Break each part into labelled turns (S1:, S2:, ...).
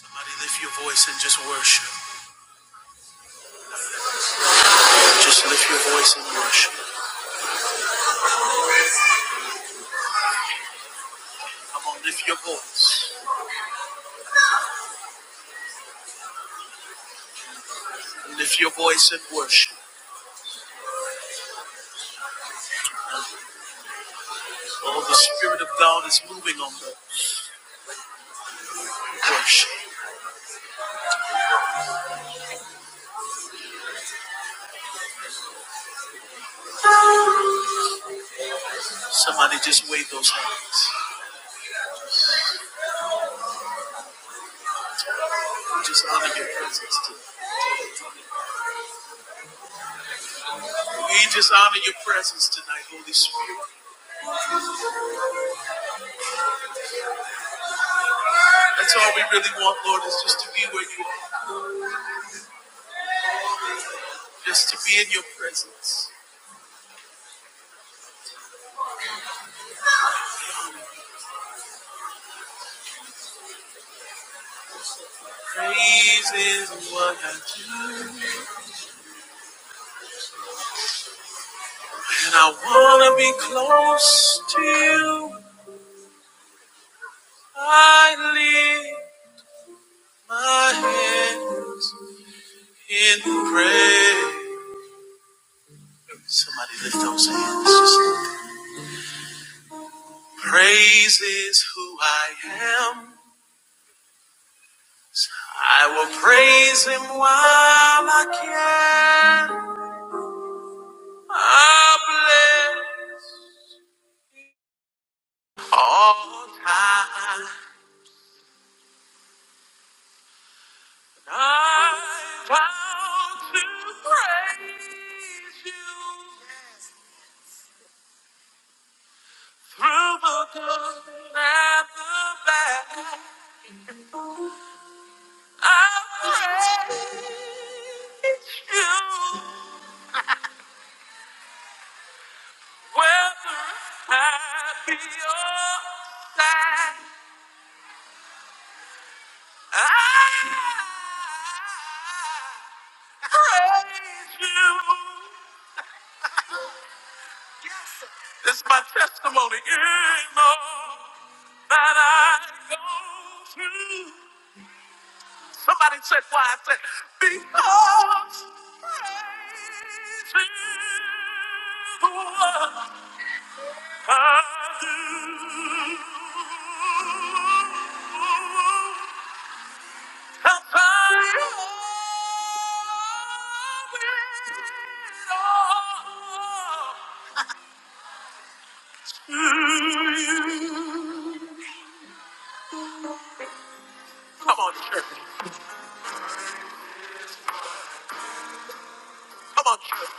S1: Somebody lift your voice and just worship. Just lift your voice and worship. Come on, lift your voice. Lift your voice and worship. Oh, the Spirit of God is moving on the worship. Somebody just wave those hands. We just honor your presence tonight. We just honor your presence tonight, Holy Spirit. That's all we really want, Lord, is just to be where you are, just to be in your presence. Praise is what I do. And I want to be close to you. I live. My hand in prayer. Somebody lift those hands. Just praise is who I am. I will praise him while I can. I bless all time. I vow to praise you through the good and the bad. I praise You, whether I be your side, I praise you. It's my testimony, you know, that I go through. Somebody said why? I said because praise is the one. I do. I'll find a all to you. Come on, church. Come on, church.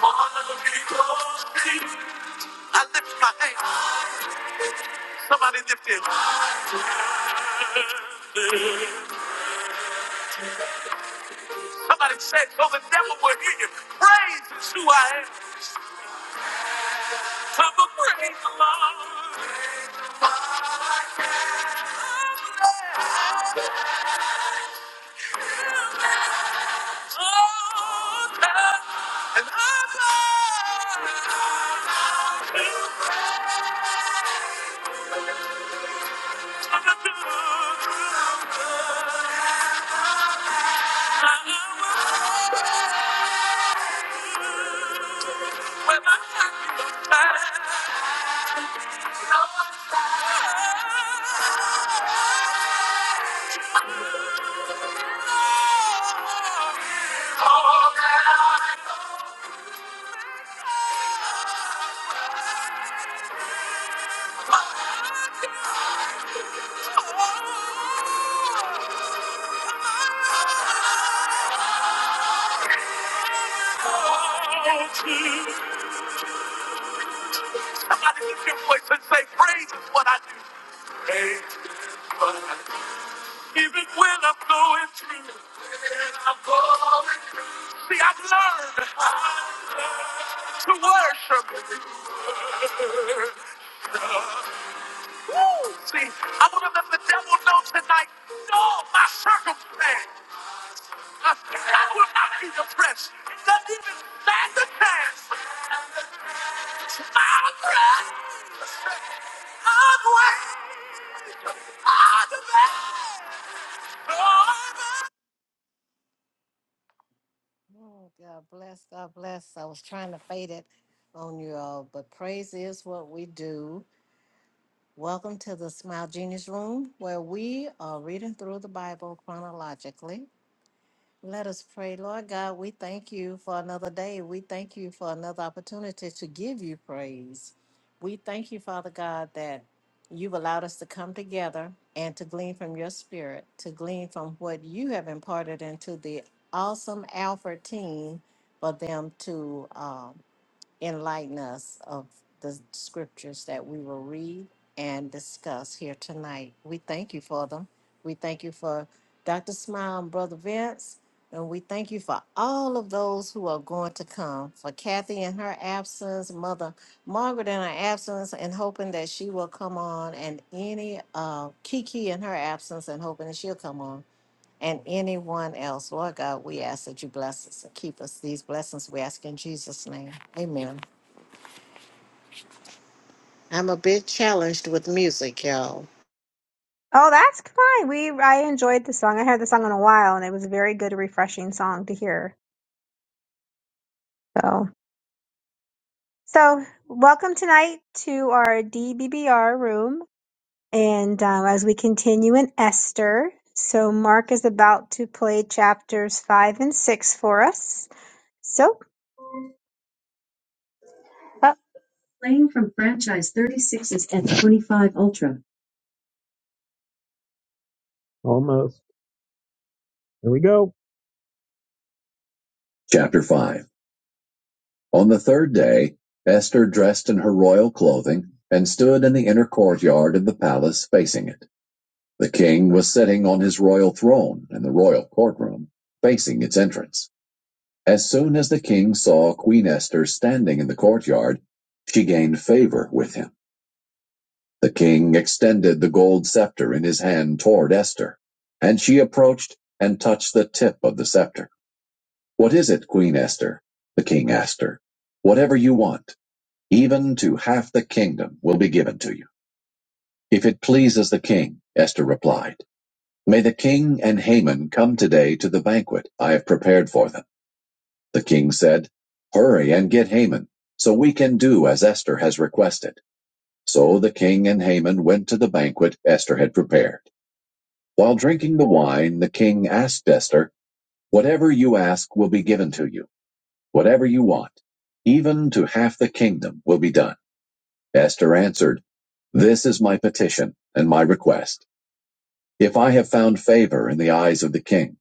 S1: Wanna be close to you. I lift my hands. Somebody lift it. Somebody say, so the devil will hear you. Praise is who I am. Come and praise the Lord. Oh, God. And I'm glad. to do. When my time is time. Somebody lift your voice and say, Praise is what I do. Praise is what I do. Even when I'm going through. When I'm going through. See, I've learned to worship. Woo! See, I want to let the devil know tonight, no, my circumstance, I, I will not be depressed. It doesn't even stand a chance. Oh, God bless, God bless. I was trying to fade it on you all, but praise is what we do. Welcome to the Smile Genius Room, where we are reading through the Bible chronologically. Let us pray. Lord God, we thank you for another day. We thank you for another opportunity to give you praise. We thank you, Father God, that you've allowed us to come together and to glean from your spirit, to glean from what you have imparted into the awesome Alfred team for them to um, enlighten us of the scriptures that we will read and discuss here tonight. We thank you for them. We thank you for Dr. Smile and Brother Vince. And we thank you for all of those who are going to come, for Kathy and her absence, Mother Margaret in her absence, and hoping that she will come on, and any uh, Kiki in her absence, and hoping that she'll come on, and anyone else. Lord God, we ask that you bless us and keep us. These blessings we ask in Jesus' name. Amen. I'm a bit challenged with music, y'all.
S2: Oh, that's fine. We I enjoyed the song. I heard the song in a while, and it was a very good, refreshing song to hear. So, so welcome tonight to our DBBR room, and um, as we continue in Esther, so Mark is about to play chapters five and six for us. So, Playing from franchise 36 is F25 Ultra. Almost. Here we go. Chapter 5. On the third day Esther dressed in her royal clothing and stood in the inner courtyard of the palace facing it. The king was sitting on his royal throne in the royal courtroom, facing its entrance. As soon as the king saw Queen Esther standing in the courtyard, she gained favor with him. The king extended the gold scepter in his hand toward Esther, and she approached and touched the tip of the scepter. What is it, Queen Esther? The king asked her. Whatever you want. Even to half the kingdom will be given to you, if it pleases the king, Esther replied. May the king and Haman come today to the banquet I have prepared for them. The king said, Hurry and get Haman, so we can do as Esther has requested. So the king and Haman went to the banquet Esther had prepared. While drinking the wine, the king asked Esther, Whatever you ask will be given to you, whatever you want, even to half the kingdom will be done. Esther answered, This is my petition and my request. If I have found favor in the eyes of the king,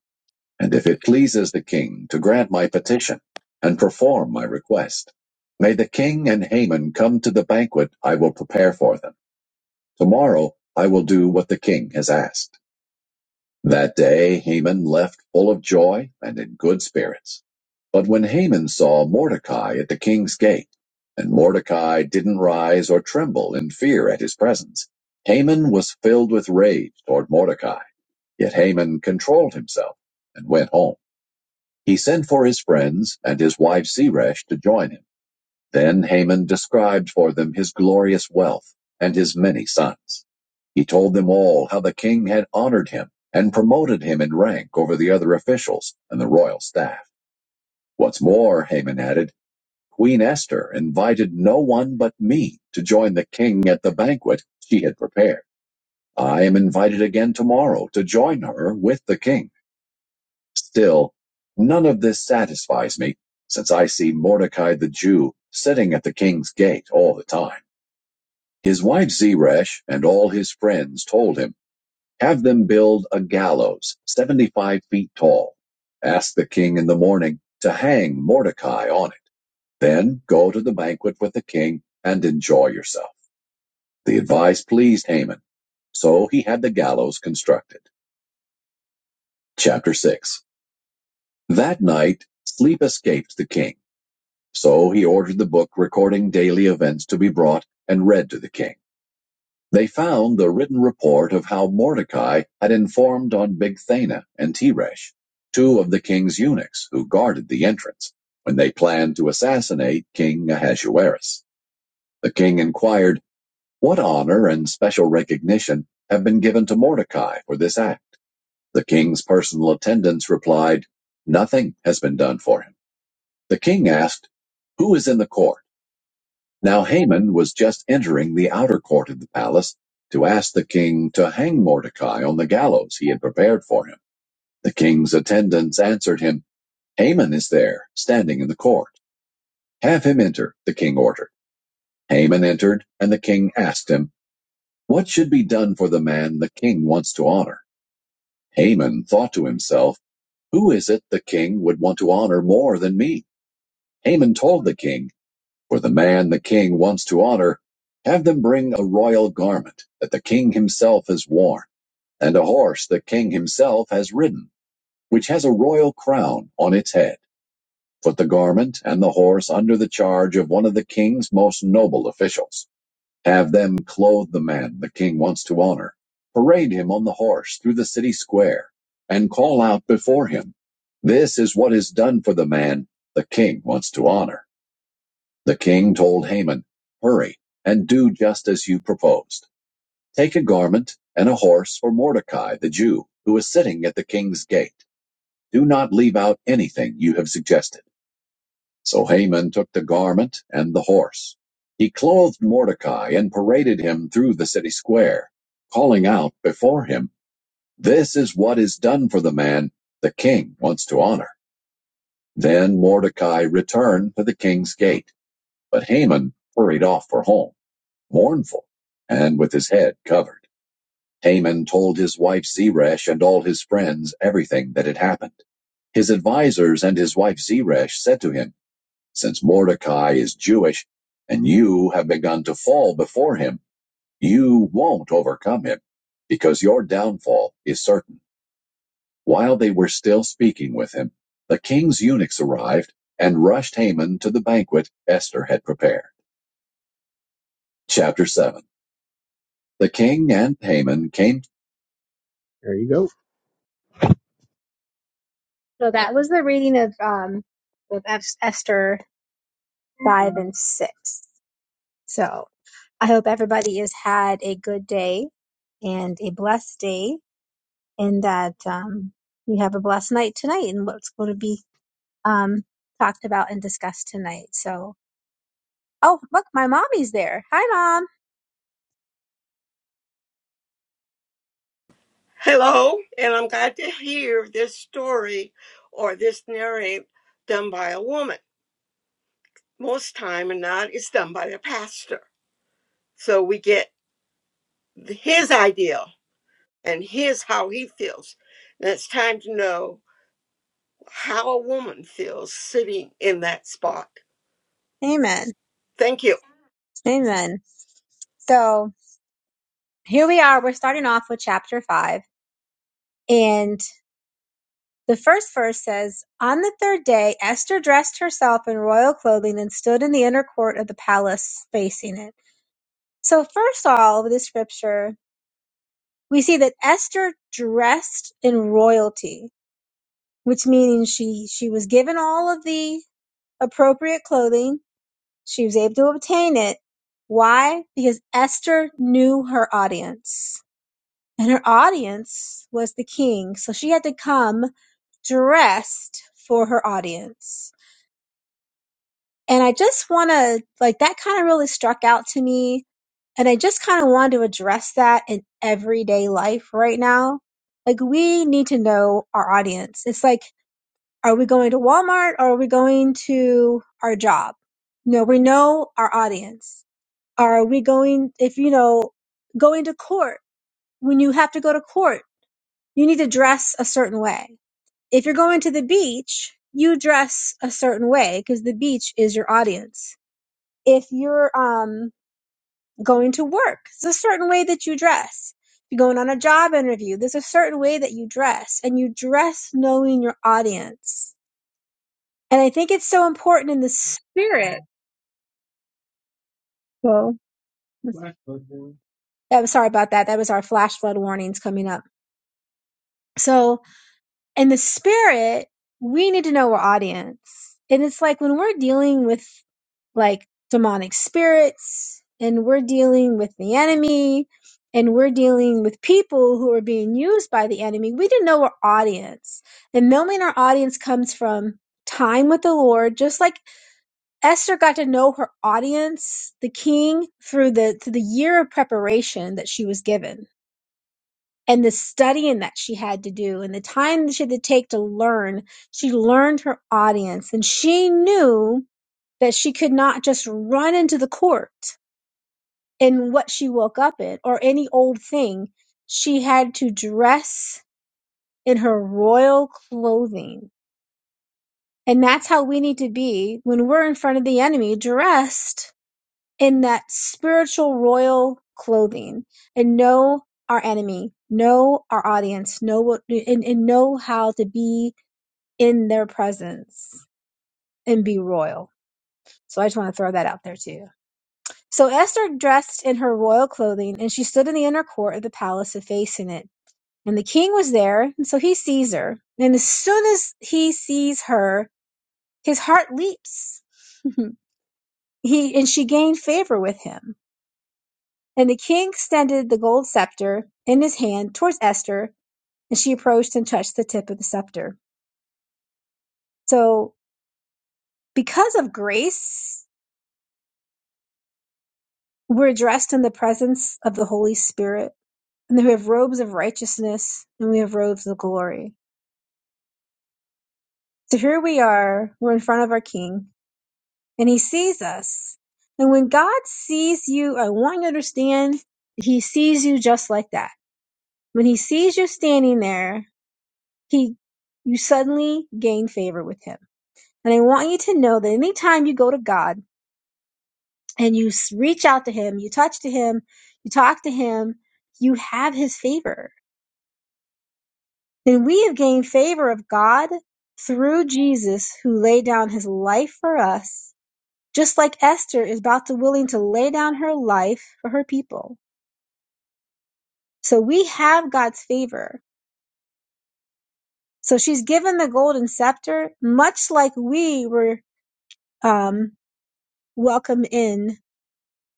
S2: and if it pleases the king to grant my petition and perform my request, may the king and Haman come to the banquet I will prepare for them. Tomorrow I will do what the king has asked. That day Haman left full of joy and in good spirits. But when Haman saw Mordecai at the king's gate, and Mordecai didn't rise or tremble in fear at his presence, Haman was filled with rage toward Mordecai. Yet Haman controlled himself and went home. He sent for his friends and his wife Zeresh to join him. Then Haman described for them his glorious wealth and his many sons. He told them all how the king had honored him and promoted him in rank over the other officials and the royal staff. What's more, Haman added, Queen Esther invited no one but me to join the king at the banquet she had prepared. I am invited again tomorrow to join her with the king. Still, none of this satisfies me, since I see Mordecai the Jew sitting at the king's gate all the time. His wife Zeresh and all his friends told him, Have them build a gallows 75 feet tall. Ask the king in the morning to hang Mordecai on it. Then go to the banquet with the king and enjoy yourself. The advice pleased Haman, so he had the gallows constructed. Chapter 6 That night, sleep escaped the king, so he ordered the book recording daily events to be brought and read to the king. They found the written report of how Mordecai had informed on Bigthana and Teresh, two of the king's eunuchs who guarded the entrance, when they planned to assassinate King Ahasuerus. The king inquired, What honor and special recognition have been given to Mordecai for this act? The king's personal attendants replied, Nothing has been done for him. The king asked, Who is in the court? Now Haman was just entering the outer court of the palace to ask the king to hang Mordecai on the gallows he had prepared for him. The king's attendants answered him, Haman is there, standing in the court. Have him enter, the king ordered. Haman entered, and the king asked him, What should be done for the man the king wants to honor? Haman thought to himself, Who is it the king would want to honor more than me? Haman told the king For the man the king wants to honor, have them bring a royal garment that the king himself has worn, and a horse the king himself has ridden, which has a royal crown on its head. Put the garment and the horse under the charge of one of the king's most noble officials. Have them clothe the man the king wants to honor, parade him on the horse through the city square, and call out before him, This is what is done for the man the king wants to honor. The king told Haman, Hurry, and do just as you proposed. Take a garment and a horse for Mordecai the Jew, who is sitting at the king's gate. Do not leave out anything you have suggested. So Haman took the garment and the horse. He clothed Mordecai and paraded him through the city square, calling out before him, This is what is done for the man the king wants to honor. Then Mordecai returned to the king's gate, but Haman hurried off for home. Mournful, and with his head covered, Haman told his wife Zeresh and all his friends everything that had happened. His advisers and his wife Zeresh said to him, Since Mordecai is Jewish, and you have begun to fall before him, you won't overcome him, because your downfall is certain. While they were still speaking with him, the king's eunuchs arrived and rushed Haman to the banquet Esther had prepared. Chapter 7 The king and Haman came. There you go. So that was the reading of um of Esther five and six. So I hope everybody has had a good day and a blessed day, and that um, you have a blessed night tonight, and what's going to be um talked about and discussed tonight. So oh look, my mommy's there. Hi, mom.
S3: Hello, and I'm glad to hear this story or this narrative done by a woman. Most time and not, it's done by the pastor. So we get his idea and his how he feels. And it's time to know how a woman feels sitting in that spot.
S2: Amen.
S3: Thank you.
S2: Amen. So here we are. We're starting off with chapter five. And The first verse says, On the third day, Esther dressed herself in royal clothing and stood in the inner court of the palace, facing it. So, first of all, with this scripture, we see that Esther dressed in royalty, which means she, she was given all of the appropriate clothing. She was able to obtain it. Why? Because Esther knew her audience. And her audience was the king. So she had to come dressed for her audience. And I just want to, like, that kind of really struck out to me. And I just kind of wanted to address that in everyday life right now. Like, we need to know our audience. It's like, are we going to Walmart or are we going to our job? No, we know our audience. Are we going, if you know, going to court, when you have to go to court, you need to dress a certain way. If you're going to the beach, you dress a certain way because the beach is your audience if you're um, going to work, there's a certain way that you dress. If you're going on a job interview, there's a certain way that you dress, and you dress knowing your audience. And I think it's so important in the spirit. Well, I'm sorry about that. That was our flash flood warnings coming up. So and the spirit, we need to know our audience. And it's like when we're dealing with like demonic spirits and we're dealing with the enemy and we're dealing with people who are being used by the enemy, we need to know our audience. And knowing our audience comes from time with the Lord, just like Esther got to know her audience, the king, through the through the year of preparation that she was given and the studying that she had to do and the time that she had to take to learn, she learned her audience and she knew that she could not just run into the court in what she woke up in or any old thing. She had to dress in her royal clothing. And that's how we need to be when we're in front of the enemy, dressed in that spiritual royal clothing and know our enemy, know our audience, know what, and, and know how to be in their presence and be royal. So I just want to throw that out there too. So Esther dressed in her royal clothing and she stood in the inner court of the palace facing it. And the king was there, and so he sees her. And as soon as he sees her, his heart leaps. he and she gained favor with him. And the king extended the gold scepter in his hand towards Esther, and she approached and touched the tip of the scepter. So, because of grace, we're dressed in the presence of the Holy Spirit, and then we have robes of righteousness, and we have robes of glory. So here we are, we're in front of our king, and he sees us. And when God sees you, I want you to understand, he sees you just like that. When he sees you standing there, he you suddenly gain favor with him And I want you to know that anytime you go to God and you s- reach out to Him, you touch to Him, you talk to Him, you have His favor. And we have gained favor of God through Jesus who laid down His life for us, just like Esther is about to willing to lay down her life for her people. So we have God's favor. So she's given the golden scepter, much like we were um, welcome in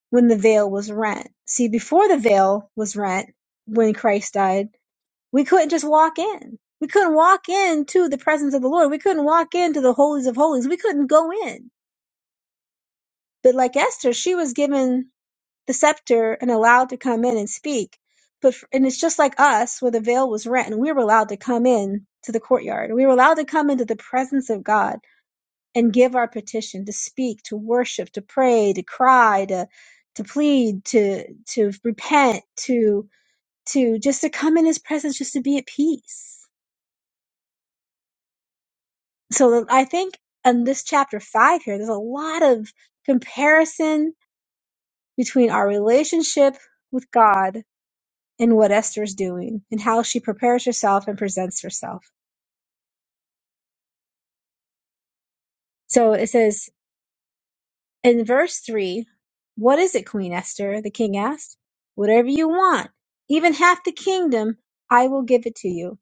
S2: when the veil was rent. See, before the veil was rent, when Christ died, we couldn't just walk in. We couldn't walk into the presence of the Lord. We couldn't walk into the holies of holies. We couldn't go in. But like Esther, she was given the scepter and allowed to come in and speak. But and it's just like us, where the veil was rent, and we were allowed to come in to the courtyard. We were allowed to come into the presence of God and give our petition to speak to worship to pray to cry to to plead to to repent to to just to come in his presence just to be at peace so i think in this chapter 5 here there's a lot of comparison between our relationship with god and what esther's doing and how she prepares herself and presents herself so it says In verse 3, what is it, Queen Esther? The king asked. Whatever you want, even half the kingdom, I will give it to you.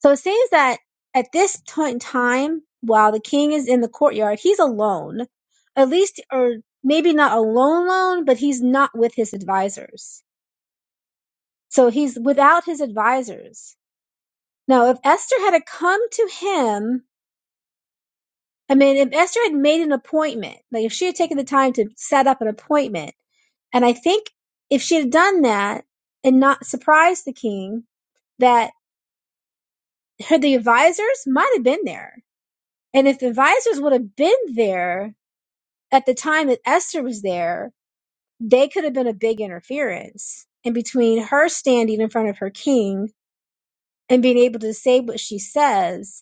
S2: So it seems that at this point in time, while the king is in the courtyard, he's alone. At least, or maybe not alone, alone, but he's not with his advisors. So he's without his advisors. Now, if Esther had to come to him I mean, if Esther had made an appointment, like if she had taken the time to set up an appointment, and I think if she had done that and not surprised the king, that her, the advisors might have been there. And if the advisors would have been there at the time that Esther was there, they could have been a big interference in between her standing in front of her king and being able to say what she says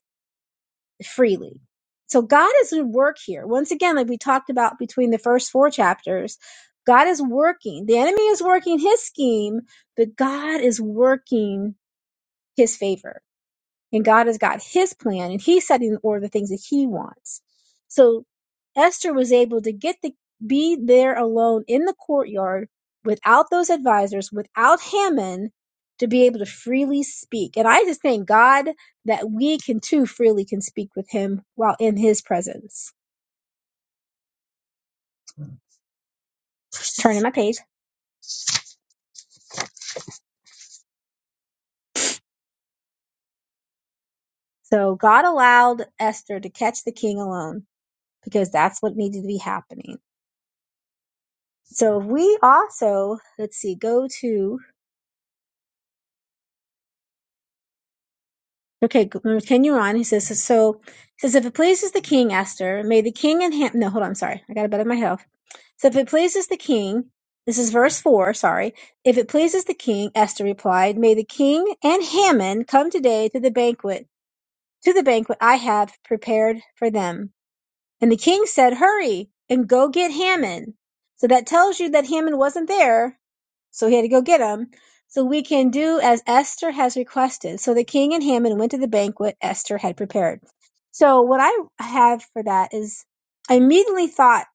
S2: freely. So God is at work here. Once again, like we talked about between the first four chapters, God is working. The enemy is working his scheme, but God is working his favor and God has got his plan and he's setting in order the things that he wants. So Esther was able to get the be there alone in the courtyard without those advisors, without Haman, to be able to freely speak. And I just thank God that we can too freely can speak with him while in his presence. Just turning my page. So God allowed Esther to catch the king alone because that's what needed to be happening. So we also, let's see, go to Okay, g- mm, continue on. He says, so, he says, if it pleases the king, Esther, may the king and him, no, hold on, sorry, I got a bit of my health. So if it pleases the king, this is verse 4, sorry. If it pleases the king, Esther replied, may the king and Haman come today to the banquet, to the banquet I have prepared for them. And the king said, Hurry and go get Haman. So that tells you that Haman wasn't there. So he had to go get him. So we can do as Esther has requested. So the king and Haman went to the banquet Esther had prepared. So what I have for that is I immediately thought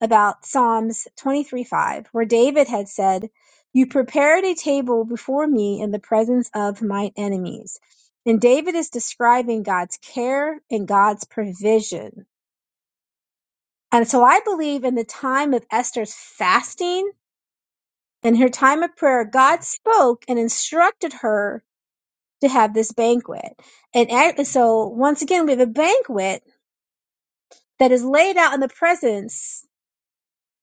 S2: about Psalms 23 5, where David had said, You prepared a table before me in the presence of my enemies. And David is describing God's care and God's provision and so I believe in the time of Esther's fasting and her time of prayer, God spoke and instructed her to have this banquet. And a- so once again, we have a banquet that is laid out in the presence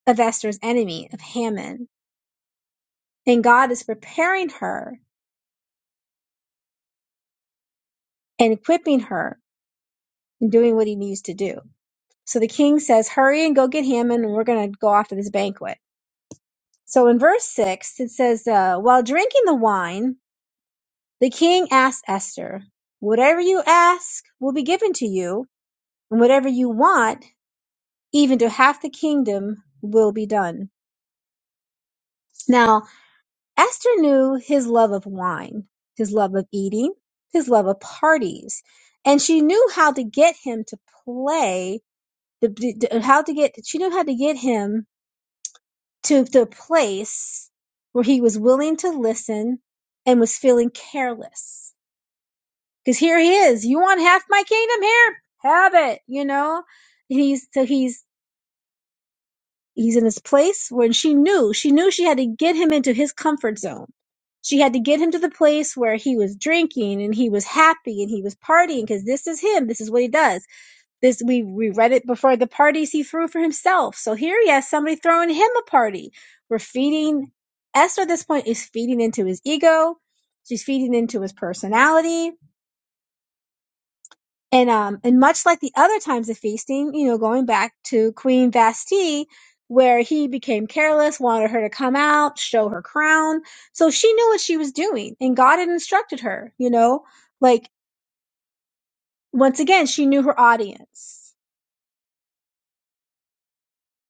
S2: of Esther's enemy, of Haman. And God is preparing her and equipping her and doing what he needs to do. So the king says, hurry and go get Haman and we're going to go off to this banquet. So in verse six, it says, uh, while drinking the wine, The king asked Esther, Whatever you ask will be given to you, and whatever you want, even to half the kingdom, will be done. Now, Esther knew his love of wine, his love of eating, his love of parties, and she knew how to get him to play, the, the- how to get, she knew how to get him to the place where he was willing to listen and was feeling careless Cause here he is. You want half my kingdom here? Have it, you know? And he's, so he's, he's in this place when she knew, she knew she had to get him into his comfort zone. She had to get him to the place where he was drinking and he was happy and he was partying because this is him. This is what he does. This, we, we read it before the parties he threw for himself. So here he has somebody throwing him a party. We're feeding, Esther at this point is feeding into his ego. She's feeding into his personality And um, and much like the other times of feasting, you know, going back to Queen Vasti, where he became careless, wanted her to come out, show her crown. So she knew what she was doing, and God had instructed her, you know, like once again, she knew her audience.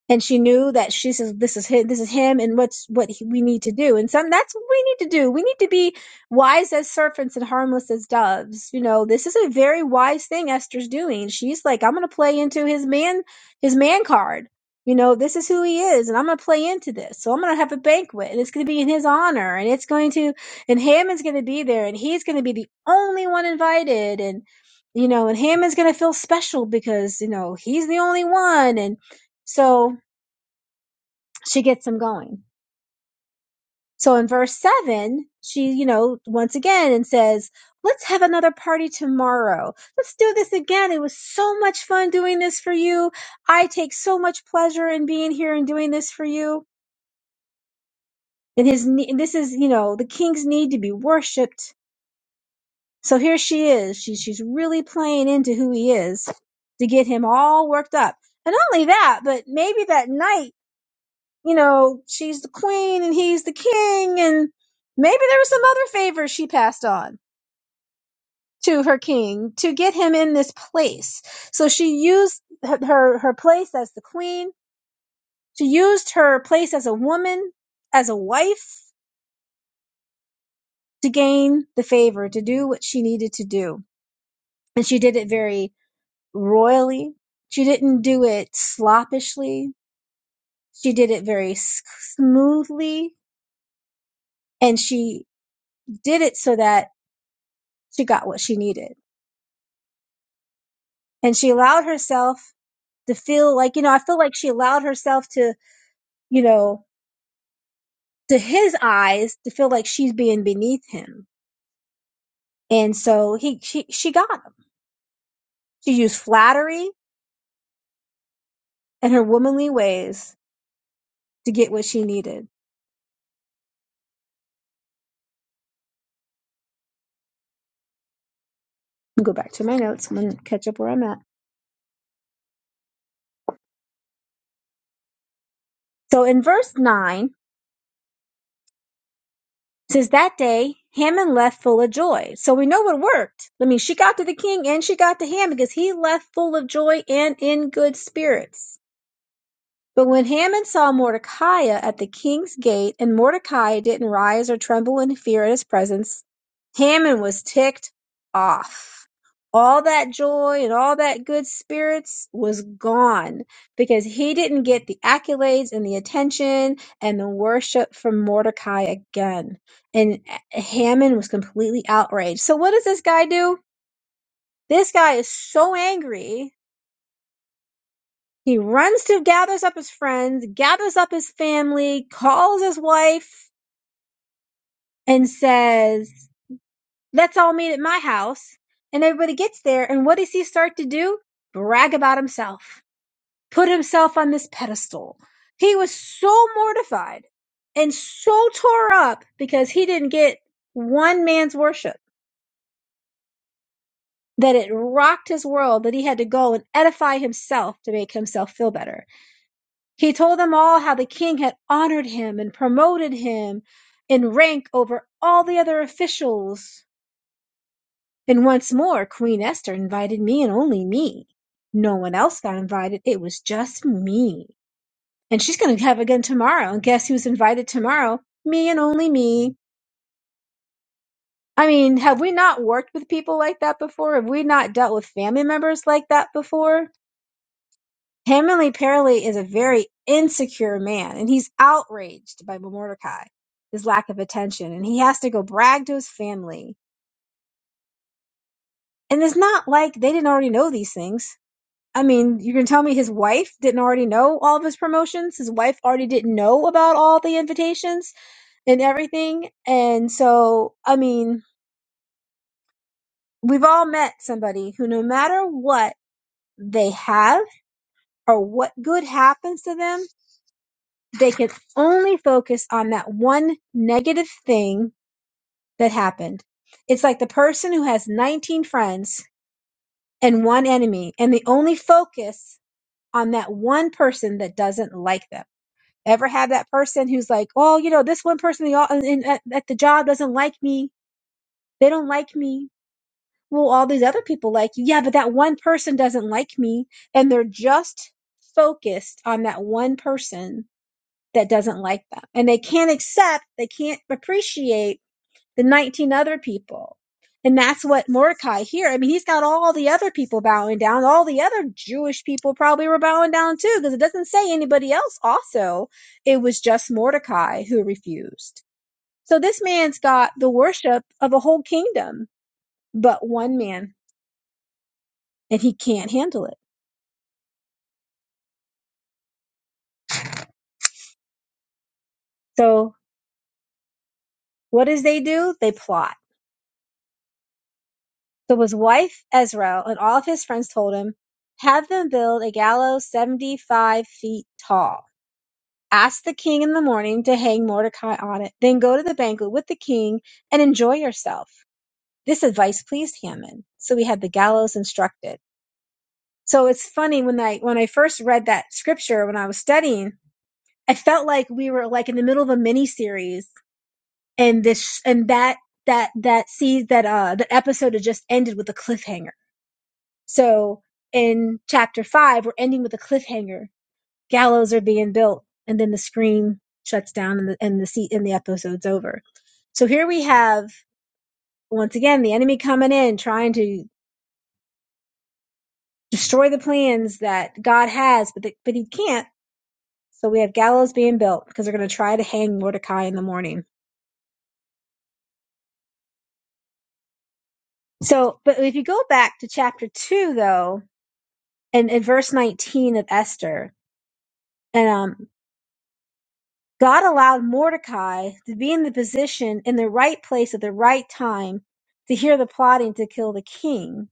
S2: and she knew that she says this is him, this is him, and what's what he, we need to do. And some that's what we need to do. We need to be wise as serpents and harmless as doves. You know, this is a very wise thing Esther's doing. She's like, I'm going to play into his man, his man card. You know, this is who he is, and I'm going to play into this. So I'm going to have a banquet, and it's going to be in his honor, and it's going to, and Haman's going to be there, and he's going to be the only one invited, and you know, and Haman's going to feel special because you know he's the only one, and so she gets him going. So in verse seven, she, you know, once again and says, let's have another party tomorrow. Let's do this again. It was so much fun doing this for you. I take so much pleasure in being here and doing this for you. And his, ne- this is, you know, the king's need to be worshipped. So here she is. She, she's really playing into who he is to get him all worked up. And not only that, but maybe that night you know, she's the queen and he's the king, and maybe there was some other favor she passed on to her king to get him in this place. So she used her her her place as the queen. She used her place as a woman, as a wife, to gain the favor, to do what she needed to do, and she did it very royally. She didn't do it sloppishly. She did it very s- smoothly, and she did it so that she got what she needed and she allowed herself to feel like you know i feel like she allowed herself to you know to his eyes to feel like she's being beneath him and so he she she got him she used flattery and her womanly ways to get what she needed I'll go back to my notes i'm gonna catch up where i'm at so in verse 9 it says that day Haman left full of joy so we know it worked i mean she got to the king and she got to Haman because he left full of joy and in good spirits But when Haman saw Mordecai at the king's gate, and Mordecai didn't rise or tremble in fear at his presence, Haman was ticked off. All that joy and all that good spirits was gone because he didn't get the accolades and the attention and the worship from Mordecai again. And Haman was completely outraged. So, what does this guy do? This guy is so angry he runs to gathers up his friends, gathers up his family, calls his wife, and says, Let's all meet at my house. And everybody gets there. And what does he start to do? Brag about himself, put himself on this pedestal. He was so mortified and so tore up because he didn't get one man's worship that it rocked his world that he had to go and edify himself to make himself feel better. He told them all how the king had honored him and promoted him in rank over all the other officials. And once more, Queen Esther invited me and only me. No one else got invited. It was just me. And she's going to have again tomorrow. And guess who's invited tomorrow? Me and only me. I mean, have we not worked with people like that before? Have we not dealt with family members like that before? Hammond apparently is a very insecure man, and he's outraged by Mordecai, his lack of attention, and he has to go brag to his family. And it's not like they didn't already know these things. I mean, you can tell me his wife didn't already know all of his promotions. His wife already didn't know about all the invitations and everything. And so, I mean, we've all met somebody who, no matter what they have or what good happens to them, they can only focus on that one negative thing that happened. It's like the person who has 19 friends and one enemy, and they only focus on that one person that doesn't like them. Ever have that person who's like, oh, you know, this one person they all, in, at, at the job doesn't like me. They don't like me. Well, all these other people like you. Yeah, but that one person doesn't like me. And they're just focused on that one person that doesn't like them. And they can't accept, they can't appreciate the 19 other people. And that's what Mordecai here. I mean, he's got all the other people bowing down. All the other Jewish people probably were bowing down too, because it doesn't say anybody else also. It was just Mordecai who refused. So this man's got the worship of a whole kingdom, but one man, and he can't handle it. So what does they do? They plot So his wife Ezra and all of his friends told him, Have them build a gallows 75 feet tall. Ask the king in the morning to hang Mordecai on it. Then go to the banquet with the king and enjoy yourself. This advice pleased Haman. So he had the gallows instructed. So it's funny when I, when I first read that scripture, when I was studying, I felt like we were like in the middle of a mini series and this, and that, that, that sees that, uh, the episode had just ended with a cliffhanger So in chapter five, we're ending with a cliffhanger. Gallows are being built, and then the screen shuts down, and the and the seat and the episode's over. So here we have once again the enemy coming in, trying to destroy the plans that God has, but the, but he can't. So we have gallows being built because they're going to try to hang Mordecai in the morning. So, but if you go back to chapter two though, and in verse nineteen of Esther, and um. God allowed Mordecai to be in the position in the right place at the right time to hear the plotting to kill the king.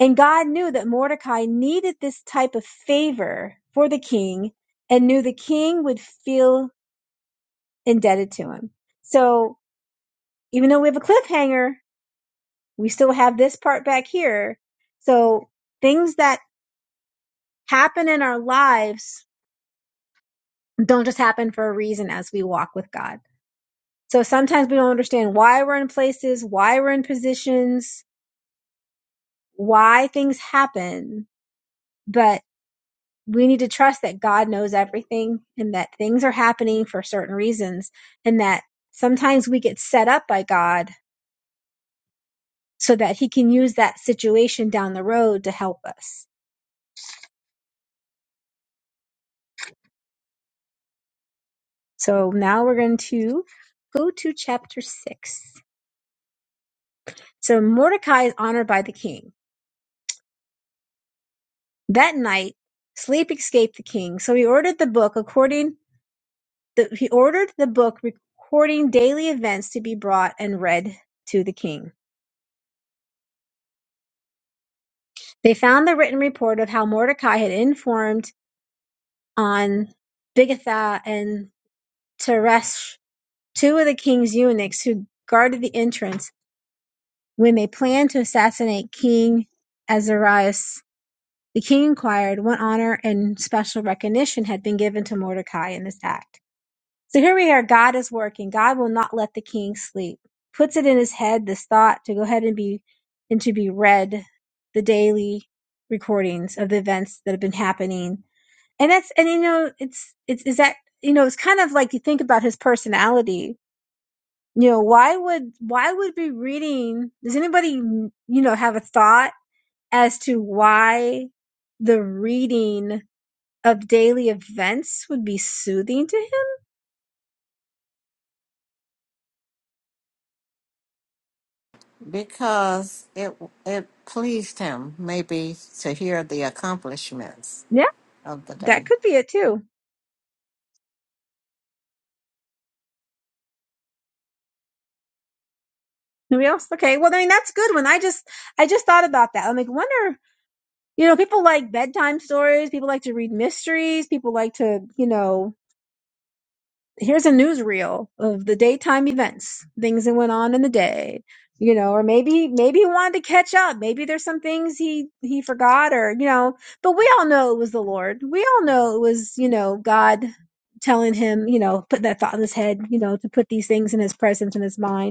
S2: And God knew that Mordecai needed this type of favor for the king and knew the king would feel indebted to him. So even though we have a cliffhanger, we still have this part back here. So things that happen in our lives don't just happen for a reason as we walk with God. So sometimes we don't understand why we're in places, why we're in positions, why things happen, but we need to trust that God knows everything and that things are happening for certain reasons and that sometimes we get set up by God so that he can use that situation down the road to help us. So now we're going to go to chapter six. So Mordecai is honored by the king. That night, sleep escaped the king. So he ordered the book according the, He ordered the book recording daily events to be brought and read to the king. They found the written report of how Mordecai had informed on Bigthana and Teresh, two of the king's eunuchs who guarded the entrance when they planned to assassinate King Azarias. The king inquired what honor and special recognition had been given to Mordecai in this act. So here we are. God is working. God will not let the king sleep. Puts it in his head this thought to go ahead and be and to be read the daily recordings of the events that have been happening. And that's and you know it's it's is that you know it's kind of like you think about his personality. You know why would why would be reading? Does anybody you know have a thought as to why the reading of daily events would be soothing to him?
S1: because it it pleased him maybe to hear the accomplishments
S2: Yeah,
S1: of the
S2: that
S1: day.
S2: could be it too Nobody else? Okay. Well, I mean, that's a good one. I just, I just thought about that. I'm like, wonder, you know, people like bedtime stories. People like to read mysteries. People like to, you know, here's a newsreel of the daytime events, things that went on in the day, you know, or maybe, maybe he wanted to catch up. Maybe there's some things he, he forgot or, you know, but we all know it was the Lord. We all know it was, you know, God telling him, you know, put that thought in his head, you know, to put these things in his presence, in his mind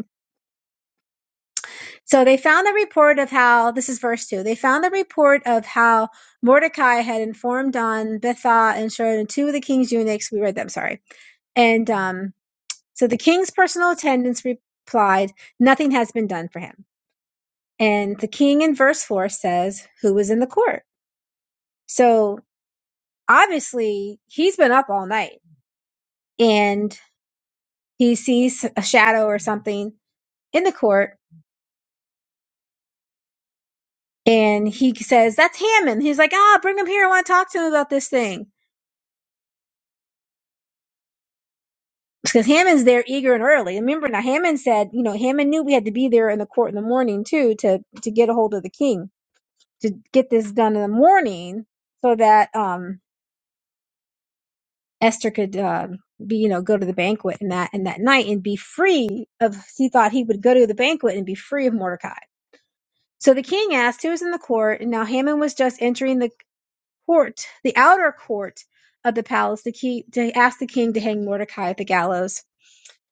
S2: So they found the report of how, this is verse 2, they found the report of how Mordecai had informed on Betha and Sheridan, two of the king's eunuchs, we read them, sorry. And um, so the king's personal attendants replied, Nothing has been done for him. And the king in verse 4 says, Who was in the court? So obviously he's been up all night and he sees a shadow or something in the court. And he says, That's Haman." He's like, Ah, bring him here. I want to talk to him about this thing because Hammond's there eager and early. Remember now, Hammond said, you know, Hammond knew we had to be there in the court in the morning too to to get a hold of the king to get this done in the morning so that um Esther could uh, be you know go to the banquet and that and that night and be free of. He thought he would go to the banquet and be free of Mordecai. So the king asked who was in the court, and now Hammond was just entering the court, the outer court of the palace, to, keep, to ask the king to hang Mordecai at the gallows.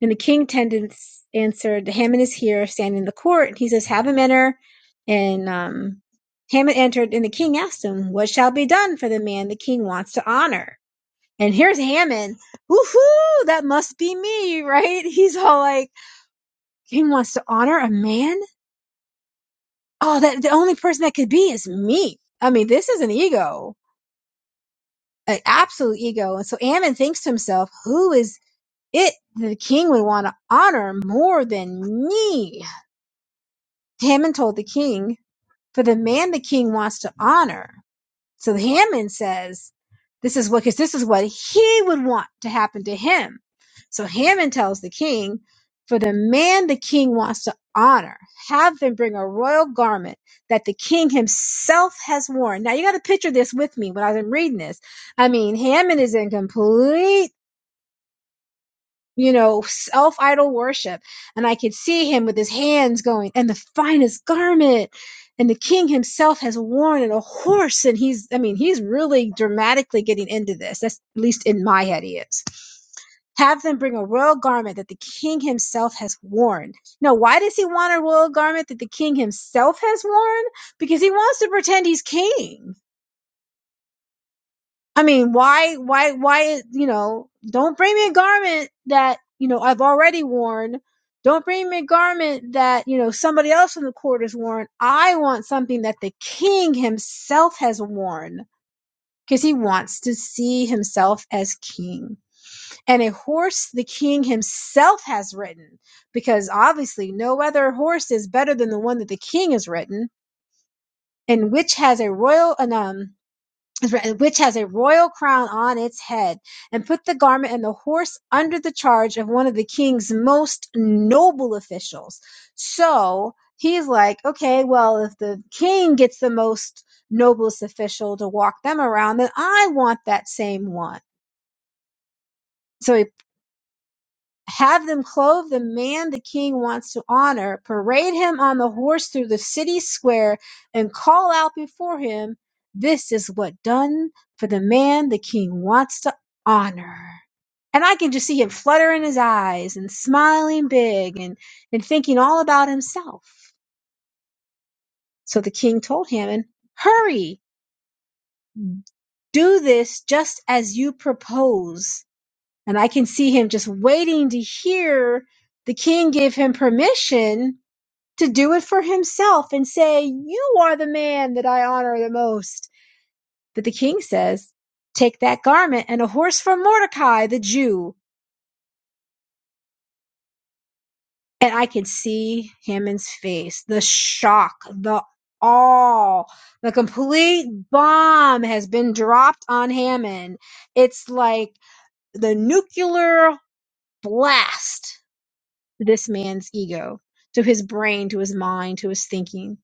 S2: And the king tended, answered, Haman is here, standing in the court. And he says, Have him enter. And um, Haman entered, and the king asked him, What shall be done for the man the king wants to honor? And here's Haman. Woohoo! That must be me, right? He's all like, King wants to honor a man? Oh, that the only person that could be is me. I mean, this is an ego, an absolute ego. And so Haman thinks to himself, Who is it that the king would want to honor more than me? Haman told the king, for the man the king wants to honor. So Haman says, this is what, cause this is what he would want to happen to him. So Haman tells the king, for the man the king wants to honor, have him bring a royal garment that the king himself has worn. Now you got to picture this with me when I'm reading this. I mean, Haman is in complete you know, self idol worship. And I could see him with his hands going, and the finest garment. And the king himself has worn and a horse. And he's, I mean, he's really dramatically getting into this. That's at least in my head, he is. Have them bring a royal garment that the king himself has worn. Now, why does he want a royal garment that the king himself has worn? Because he wants to pretend he's king I mean, why, why, why, you know, don't bring me a garment that, you know, I've already worn. Don't bring me a garment that, you know, somebody else in the court has worn. I want something that the king himself has worn because he wants to see himself as king. And a horse the king himself has ridden because obviously no other horse is better than the one that the king has ridden and which has a royal, anum which has a royal crown on its head, and put the garment and the horse under the charge of one of the king's most noble officials. So he's like, okay, well, if the king gets the most noblest official to walk them around, then I want that same one. So he have them clothe the man the king wants to honor, parade him on the horse through the city square, and call out before him, This is what done for the man the king wants to honor. And I can just see him fluttering his eyes and smiling big and, and thinking all about himself. So the king told Haman, Hurry, do this just as you propose And I can see him just waiting to hear the king give him permission to do it for himself and say, You are the man that I honor the most. But the king says, Take that garment and a horse from Mordecai, the Jew. And I can see Haman's face, the shock, the awe, the complete bomb has been dropped on Haman. It's like the nuclear blast this man's ego, to his brain, to his mind, to his thinking.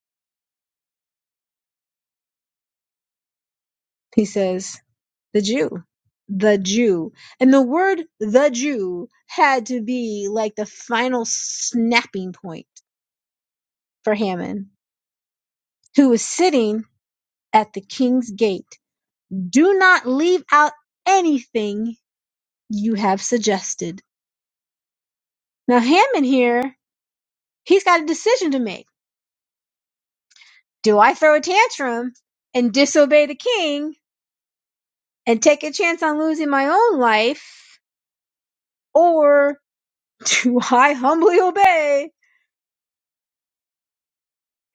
S2: He says, the Jew, the Jew. And the word the Jew had to be like the final snapping point for Haman, who was sitting at the king's gate. Do not leave out anything you have suggested. Now, Haman here, he's got a decision to make. Do I throw a tantrum and disobey the king and take a chance on losing my own life? Or do I humbly obey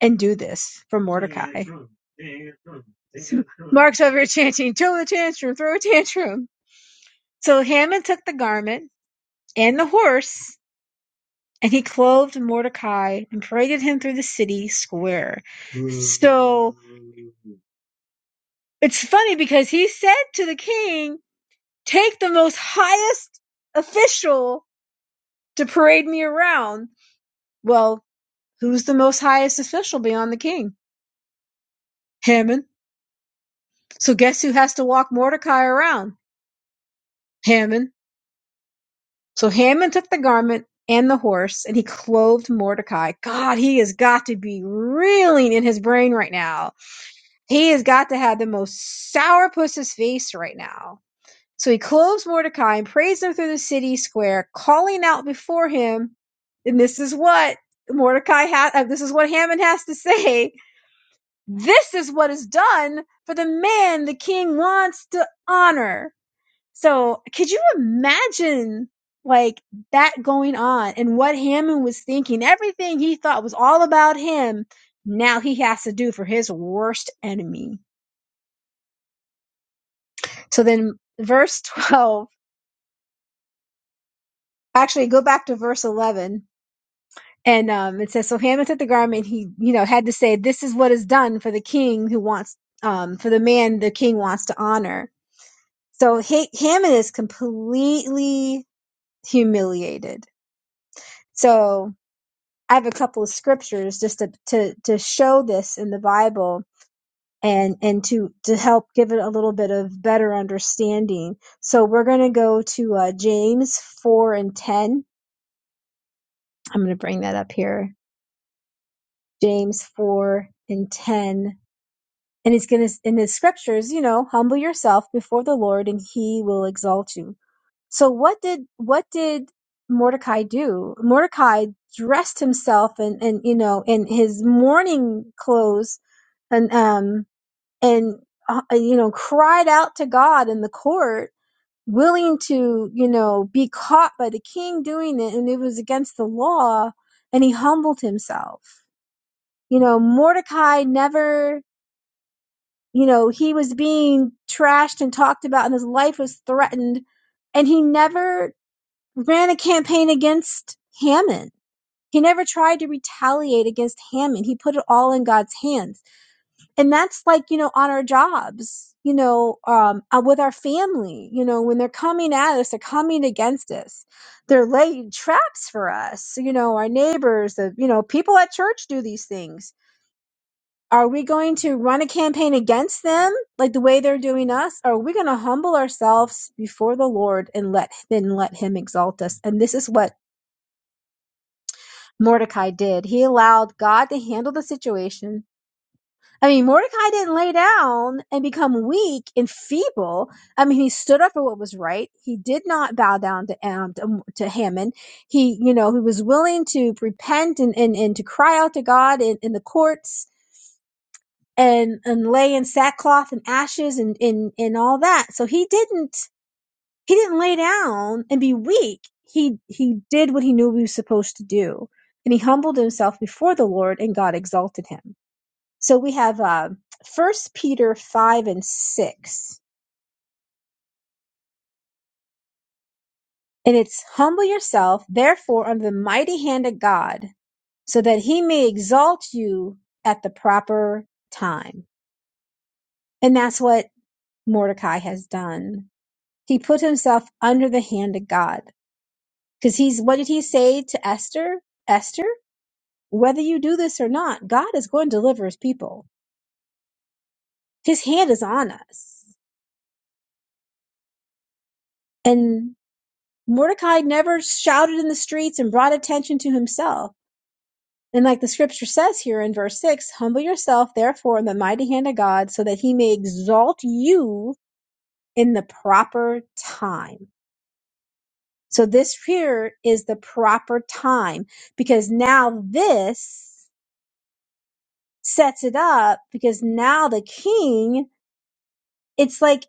S2: and do this for Mordecai? Mark's over here chanting, throw a tantrum, throw a tantrum. So Haman took the garment and the horse, and he clothed Mordecai and paraded him through the city square. So it's funny because he said to the king, Take the most highest official to parade me around. Well, who's the most highest official beyond the king? Haman. So guess who has to walk Mordecai around? Haman. So Haman took the garment and the horse and he clothed Mordecai. God, he has got to be reeling in his brain right now. He has got to have the most sourpuss's face right now. So he clothes Mordecai and praised him through the city square, calling out before him. And this is what Mordecai had, uh, this is what Haman has to say. This is what is done for the man the king wants to honor. So could you imagine like that going on and what Hammond was thinking? Everything he thought was all about him. Now he has to do for his worst enemy. So then verse 12, actually go back to verse 11. And um, it says, so Haman took the garment. He, you know, had to say, this is what is done for the king who wants, um, for the man the king wants to honor. So ha- Hammond is completely humiliated. So I have a couple of scriptures just to to, to show this in the Bible and and to to help give it a little bit of better understanding. So we're going to go to uh, James four and ten. I'm going to bring that up here. James four and ten. And he's going to, in his scriptures, you know, humble yourself before the Lord and he will exalt you. So what did what did Mordecai do? Mordecai dressed himself in, in you know in his mourning clothes and um and uh, you know cried out to God in the court, willing to you know be caught by the king doing it, and it was against the law, and he humbled himself. You know Mordecai never you know he was being trashed and talked about, and his life was threatened, and he never ran a campaign against Hammond. He never tried to retaliate against Hammond. He put it all in God's hands. And that's like, you know, on our jobs, you know, um, uh, with our family, you know, when they're coming at us, they're coming against us. They're laying traps for us, you know, our neighbors, the, you know, people at church do these things. Are we going to run a campaign against them like the way they're doing us? Or are we going to humble ourselves before the Lord and let then let him exalt us? And this is what Mordecai did. He allowed God to handle the situation. I mean, Mordecai didn't lay down and become weak and feeble. I mean, he stood up for what was right. He did not bow down to um, to, to Haman. He, you know, he was willing to repent and, and, and to cry out to God in, in the courts and, and lay in sackcloth and ashes and, and, and all that. So he didn't he didn't lay down and be weak. He he did what he knew he was supposed to do, and he humbled himself before the Lord, and God exalted him. So we have uh, First Peter five and six, and it's humble yourself, therefore, under the mighty hand of God, so that He may exalt you at the proper time. And that's what Mordecai has done. He put himself under the hand of God because he's. What did he say to Esther? Esther. whether you do this or not, God is going to deliver his people. His hand is on us. And Mordecai never shouted in the streets and brought attention to himself. And like the scripture says here in verse 6 humble yourself, therefore, in the mighty hand of God, so that he may exalt you in the proper time. So this here is the proper time because now this sets it up because now the king, it's like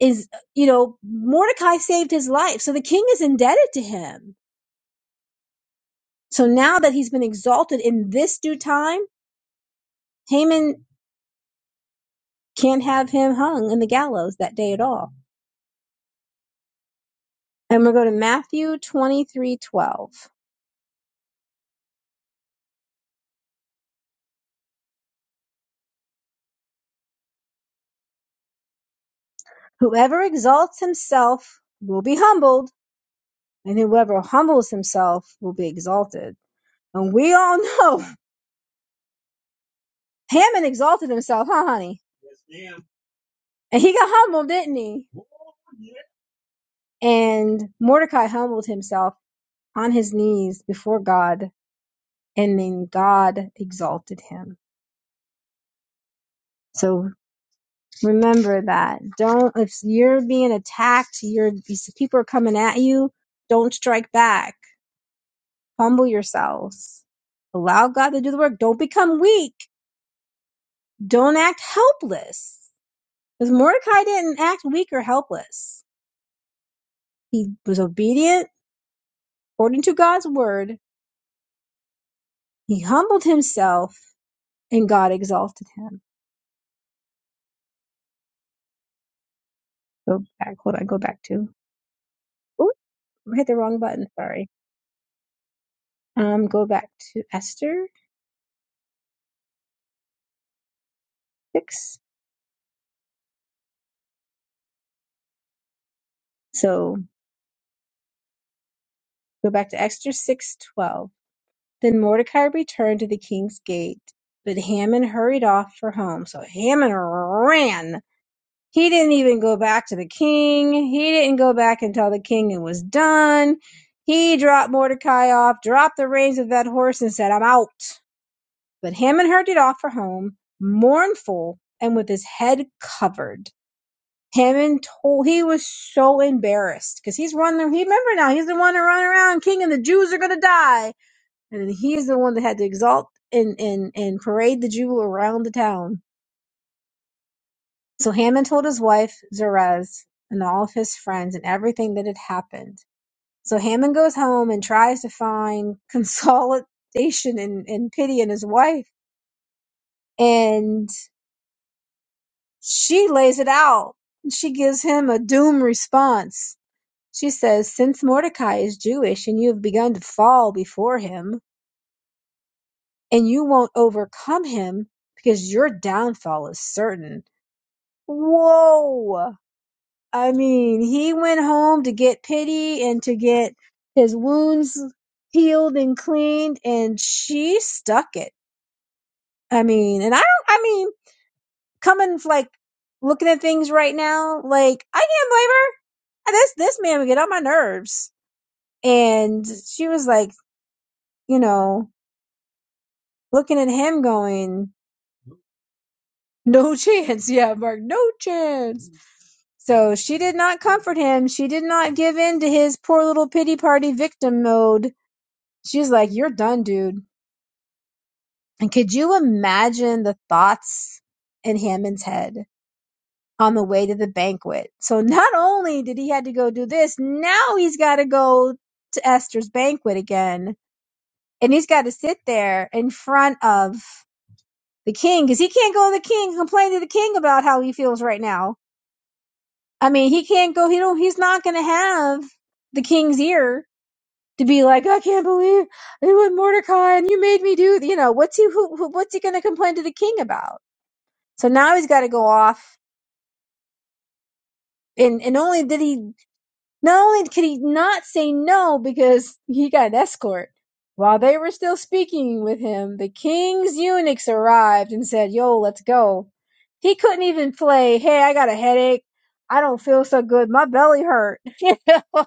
S2: is, you know, Mordecai saved his life. So the king is indebted to him. So now that he's been exalted in this due time, Haman can't have him hung in the gallows that day at all. And we'll go to Matthew twenty-three twelve. Whoever exalts himself will be humbled, and whoever humbles himself will be exalted. And we all know Haman exalted himself, huh, honey? Yes, ma'am. And he got humbled, didn't he? And Mordecai humbled himself on his knees before God, and then God exalted him. So remember that. Don't if you're being attacked, you're these people are coming at you, don't strike back. Humble yourselves. Allow God to do the work. Don't become weak. Don't act helpless. Because Mordecai didn't act weak or helpless. He was obedient according to God's word. He humbled himself and God exalted him. Go back. Hold on. go back to. Ooh, I hit the wrong button. Sorry. Um, go back to Esther six. So go back to Esther six twelve. Then Mordecai returned to the king's gate, but Haman hurried off for home. So Haman ran. He didn't even go back to the king. He didn't go back and tell the king it was done. He dropped Mordecai off, dropped the reins of that horse, and said, "I'm out." But Haman hurried off for home, mournful and with his head covered. Him and told he was so embarrassed because he's running. He remember now he's the one to run around king, and the Jews are gonna die, and he's the one that had to exalt and and and parade the Jew around the town. So Haman told his wife Zeresh and all of his friends and everything that had happened. So Haman goes home and tries to find consolation and, and pity in his wife, and she lays it out. She gives him a doom response She says, Since Mordecai is Jewish and you have begun to fall before him, and you won't overcome him because your downfall is certain. Whoa! I mean, he went home to get pity and to get his wounds healed and cleaned, and she stuck it. I mean, and I don't, I mean, coming like looking at things right now, like, I can't blame her. This, this man would get on my nerves. And she was like, you know, looking at him going, no chance. Yeah, Mark, no chance. So she did not comfort him. She did not give in to his poor little pity party victim mode. She's like, You're done, dude. And could you imagine the thoughts in Hammond's head on the way to the banquet? So not only did he had to go do this, now he's got to go to Esther's banquet again. And he's got to sit there in front of the king because he can't go to the king and complain to the king about how he feels right now. I mean, he can't go. He don't. He's not going to have the king's ear to be like, I can't believe it was Mordecai and you made me do. You know what's he? Who, who what's he going to complain to the king about? So now he's got to go off. And and only did he. Not only could he not say no because he got an escort, while they were still speaking with him, the king's eunuchs arrived and said, Yo, let's go. He couldn't even play, Hey, I got a headache. I don't feel so good. My belly hurt. You know?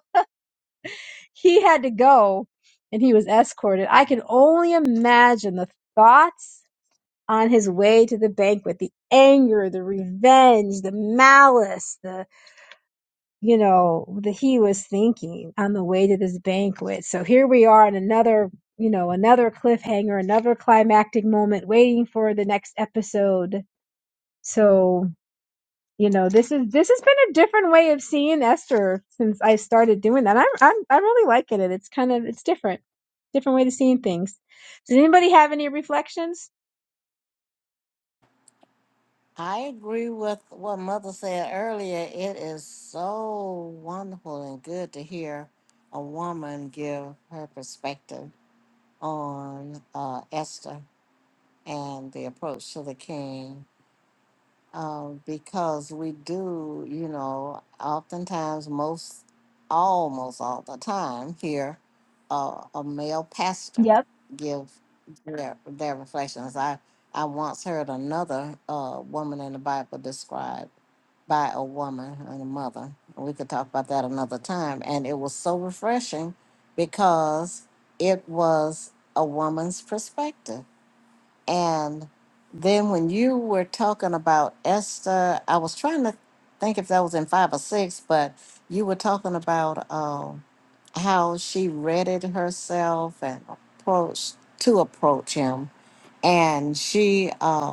S2: he had to go and he was escorted. I can only imagine the thoughts on his way to the banquet the anger, the revenge, the malice, the you know, that he was thinking on the way to this banquet. So here we are in another, you know, another cliffhanger, another climactic moment waiting for the next episode. So, you know, this is this has been a different way of seeing Esther since I started doing that. I'm I'm I'm really liking it. It's kind of it's different. Different way to seeing things. Does anybody have any reflections?
S1: I agree with what Mother said earlier. It is so wonderful and good to hear a woman give her perspective on uh, Esther and the approach to the king uh, because we do, you know, oftentimes, most, almost all the time here, uh, a male pastor
S2: Yep.
S1: give their, their reflections. I, I once heard another uh, woman in the Bible described by a woman and a mother. We could talk about that another time. And it was so refreshing because it was a woman's perspective and then when you were talking about Esther, I was trying to think if that was in five or six, but you were talking about uh, how she readied herself and approached to approach him. And she uh,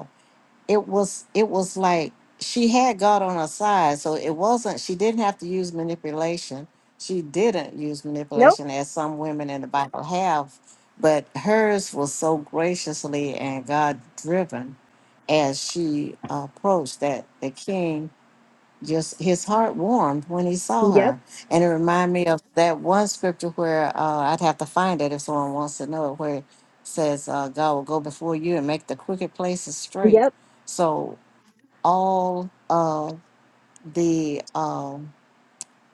S1: it was it was like she had God on her side, so it wasn't she didn't have to use manipulation. She didn't use
S2: Nope.
S1: manipulation as some women in the Bible have, but hers was so graciously and God driven as she approached that the king just his heart warmed when he saw
S2: Yep.
S1: her. And it reminded me of that one scripture where uh, I'd have to find it if someone wants to know it, where it says, uh, God will go before you and make the crooked places straight.
S2: Yep.
S1: So all of the um,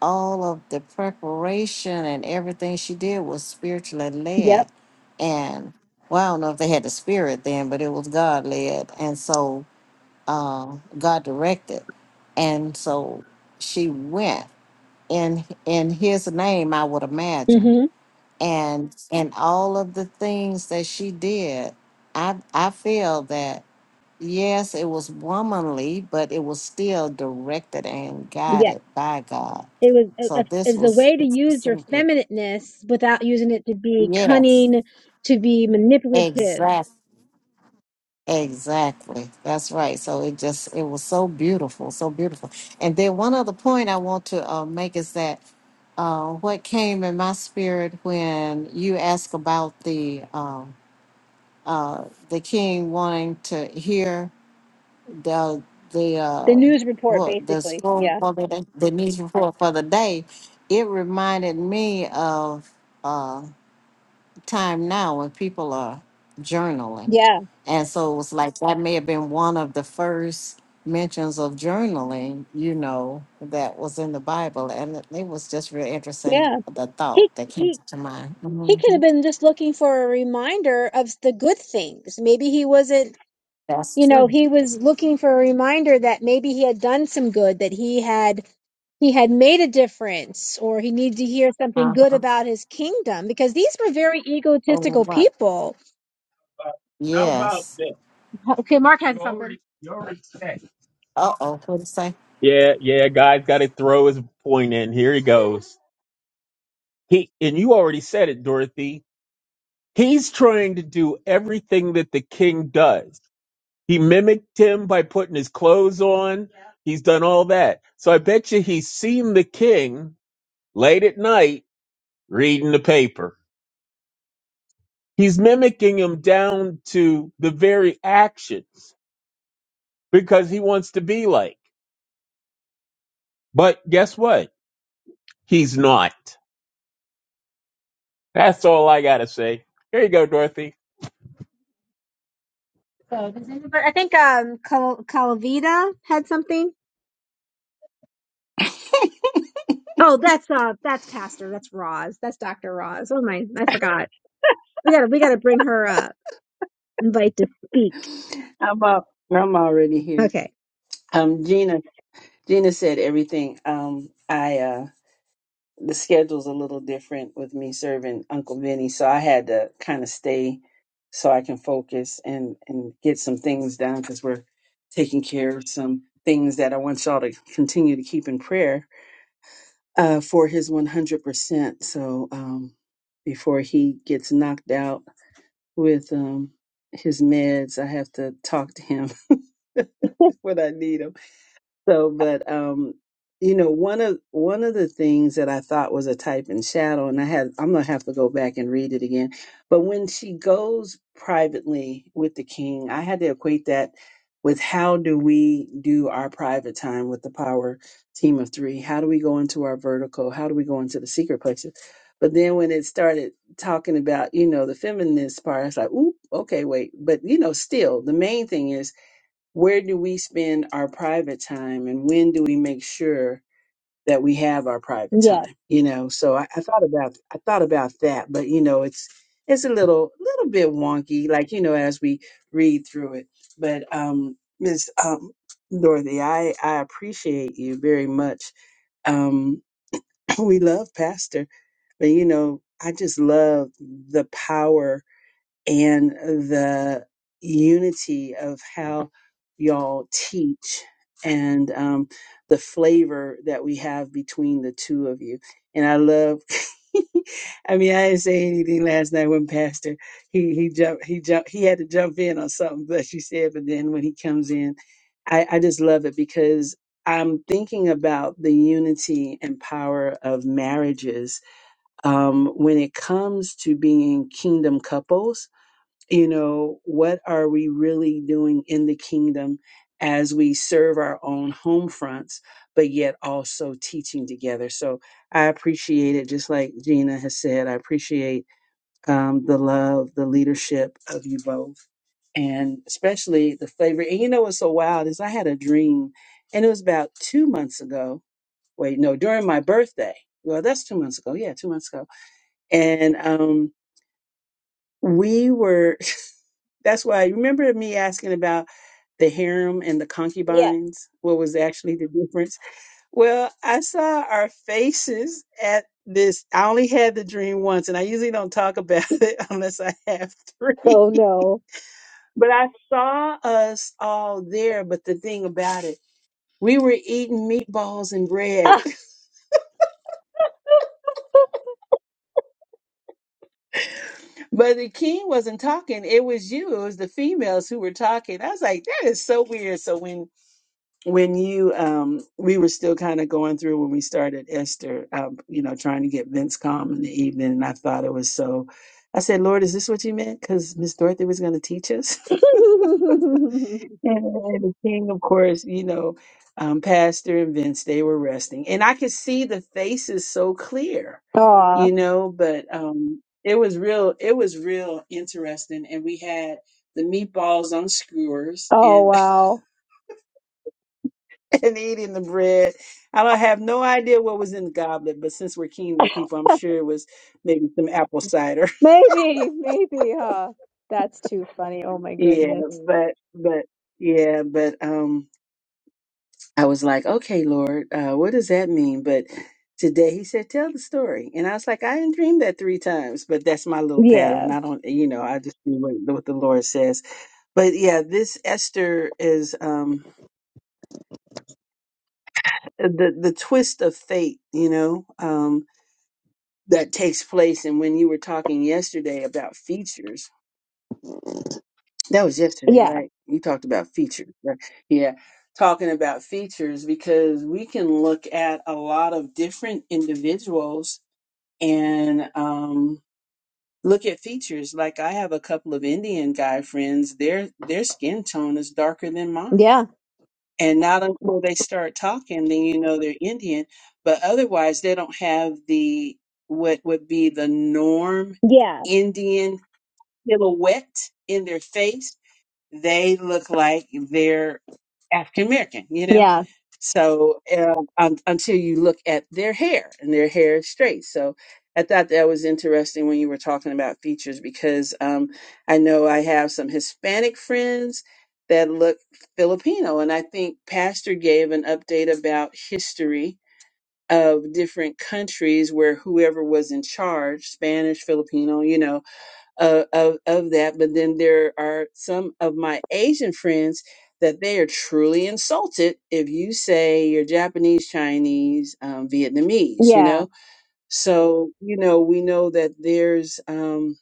S1: all of the preparation and everything she did was spiritually
S2: Yep.
S1: led. And well, I don't know if they had the spirit then, but it was God led. And so uh, God directed. And so she went in in his name, I would imagine.
S2: Mm-hmm.
S1: And and all of the things that she did, I I feel that yes, it was womanly, but it was still directed and guided by God.
S2: it was a,
S1: So
S2: a, it
S1: this
S2: was a
S1: was
S2: way to
S1: this was
S2: use your
S1: so good.
S2: feminineness without using it to be
S1: Yes,
S2: cunning, to be manipulative.
S1: exactly. Exactly. That's right. So it just it was so beautiful, so beautiful. And then one other point I want to uh, make is that uh, what came in my spirit when you asked about the um, uh, the king wanting to hear the the
S2: The
S1: uh,
S2: news report,
S1: what the
S2: basically.
S1: scroll
S2: Yeah,
S1: for the day, the news report for the day, it reminded me of. uh, time now when people are journaling.
S2: yeah,
S1: And so it was like that may have been one of the first mentions of journaling, you know, that was in the Bible. And it it was just real interesting
S2: yeah.
S1: the thought
S2: He
S1: that came
S2: he
S1: to mind.
S2: he could
S1: Mhm.
S2: have been just looking for a reminder of the good things. Maybe he wasn't.
S1: That's
S2: You know,
S1: true.
S2: he was looking for a reminder that maybe he had done some good, that he had he had made a difference, or he needed to hear something
S1: Uh
S2: good
S1: huh.
S2: about his kingdom. Because these were very
S1: Oh,
S2: egotistical
S1: what?
S2: people.
S1: Yes.
S2: Okay, Mark had You something. already, you already said.
S1: Uh oh. What did you say?
S2: Yeah, yeah, guy's got to throw his point in. Here he goes. He and you already said it, Dorothy. He's trying to do everything that the king does. He mimicked him by putting his clothes on. He's done all that. So I bet you he's seen the king late at night reading the paper. He's mimicking him down to the very actions because he wants to be like. But guess what? He's not. That's all I gotta say. Here you go, Dorothy. So does anybody? I think um Cal- Calavita had something. Oh, that's uh that's Pastor. That's Roz. That's Doctor Roz. Oh my, I forgot. We gotta we gotta bring her up. Invite to speak.
S4: I'm up. I'm already here.
S2: Okay.
S4: Um, Gina. Gina said everything. Um, I uh, the schedule's a little different with me serving Uncle Vinny, so I had to kind of stay so I can focus and and get some things done because we're taking care of some things that I want y'all to continue to keep in prayer uh, for his 100. percent So um, before he gets knocked out with um, his meds, I have to talk to him what I need him So, but um, you know, one of one of the things that I thought was a type and shadow, and I had I'm gonna have to go back and read it again. But when she goes privately with the king, I had to equate that with how do we do our private time with the power team of three? How do we go into our vertical? How do we go into the secret places? But then when it started talking about, you know, the feminist part, I was like, ooh, okay, wait. But you know, still the main thing is where do we spend our private time and when do we make sure that we have our private
S2: Yes.
S4: time? You know, so I, I thought about I thought about that, but you know, it's it's a little little bit wonky, like, you know, as we read through it. But um Ms. Um Dorothy, I, I appreciate you very much. Um we love Pastor, but you know, I just love the power and the unity of how y'all teach and um, the flavor that we have between the two of you. And I love. I mean, I didn't say anything last night when Pastor he he jumped he jumped he had to jump in on something that she said, but then when he comes in, I, I just love it because I'm thinking about the unity and power of marriages um, when it comes to being kingdom couples you know what are we really doing in the kingdom as we serve our own home fronts but yet also teaching together so i appreciate it just like gina has said i appreciate um, the love the leadership of you both and especially the flavor and you know what's so wild is i had a dream and it was about two months ago wait no during my birthday well that's two months ago yeah two months ago and um we were that's why I remember me asking about the harem and the
S2: Yes.
S4: concubines? What was actually the difference? Well, I saw our faces at this. I only had the dream once, and I usually don't talk about it unless I have three.
S2: Oh no.
S4: But I saw us all there. But the thing about it, we were eating meatballs and bread, but the king wasn't talking. It was you, it was the females who were talking. I was like, that is so weird. So when when you um we were still kind of going through when we started esther um you know trying to get vince calm in the evening and i thought it was so i said lord is this what you meant because miss dorothy was going to teach us and the king of course you know um pastor and vince they were resting and i could see the faces so clear
S2: Aw.
S4: you know but um it was real it was real interesting and we had the meatballs on skewers
S2: Oh wow.
S4: and eating the bread. I don't have no idea what was in the goblet, but since we're kingdom people, I'm sure it was maybe some apple cider.
S2: Maybe. Maybe. Huh. That's too funny. Oh my
S4: yeah,
S2: goodness.
S4: but but yeah, but um I was like, okay, Lord, uh, what does that mean? But today he said, tell the story. And I was like, I didn't dream that three times, but that's my little
S2: Yeah.
S4: pattern. I don't, you know, I just do what, what the Lord says. But yeah, this Esther is um, the, the twist of fate, you know. Um, that takes place. And when you were talking yesterday about features, that was yesterday,
S2: Yeah.
S4: right? You talked about features, right? Yeah, talking about features because we can look at a lot of different individuals and um, look at features. Like I have a couple of Indian guy friends; their their skin tone is darker than mine.
S2: Yeah.
S4: And not until they start talking, then you know they're Indian. But otherwise, they don't have the what would be the norm
S2: Yeah.
S4: Indian. silhouette in their face, they look like they're African American, you know?
S2: Yeah.
S4: So um, un until you look at their hair and their hair is straight. So I thought that was interesting when you were talking about features because um, I know I have some Hispanic friends that look Filipino. And I think Pastor gave an update about history of different countries where whoever was in charge, Spanish, Filipino, you know, of, of, of that. But then there are some of my Asian friends that they are truly insulted if you say you're Japanese, Chinese, um, Vietnamese, you
S2: Yeah.
S4: know? So, you know, we know that there's um,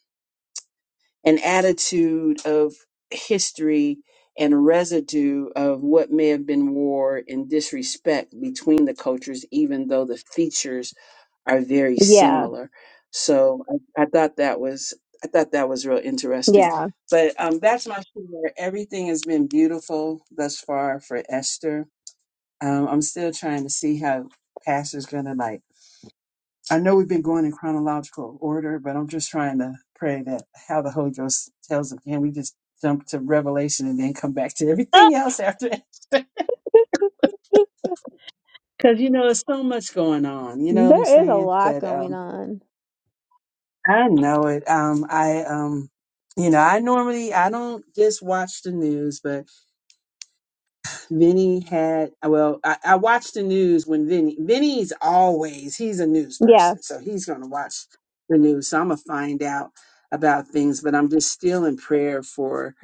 S4: an attitude of history and residue of what may have been war and disrespect between the cultures, even though the features are very
S2: Yeah.
S4: similar. So I, I thought that was I thought that was real interesting.
S2: Yeah.
S4: But um, that's my share. Everything has been beautiful thus far for Esther. Um, I'm still trying to see how Pastor's gonna like. I know we've been going in chronological order, but I'm just trying to pray that how the Holy Ghost tells him. Can we just jump to Revelation and then come back to everything else after? that? Because you know, there's so much going on. You know what I'm
S2: There is a
S4: saying?
S2: lot
S4: But
S2: going
S4: um,
S2: on.
S4: I know it. Um, I um, you know, I normally I don't just watch the news, but Vinny had well, I, I watch the news when Vinny Vinny's always he's a news
S2: Yeah.
S4: person, so he's gonna watch the news. So I'm gonna find out about things, but I'm just still in prayer for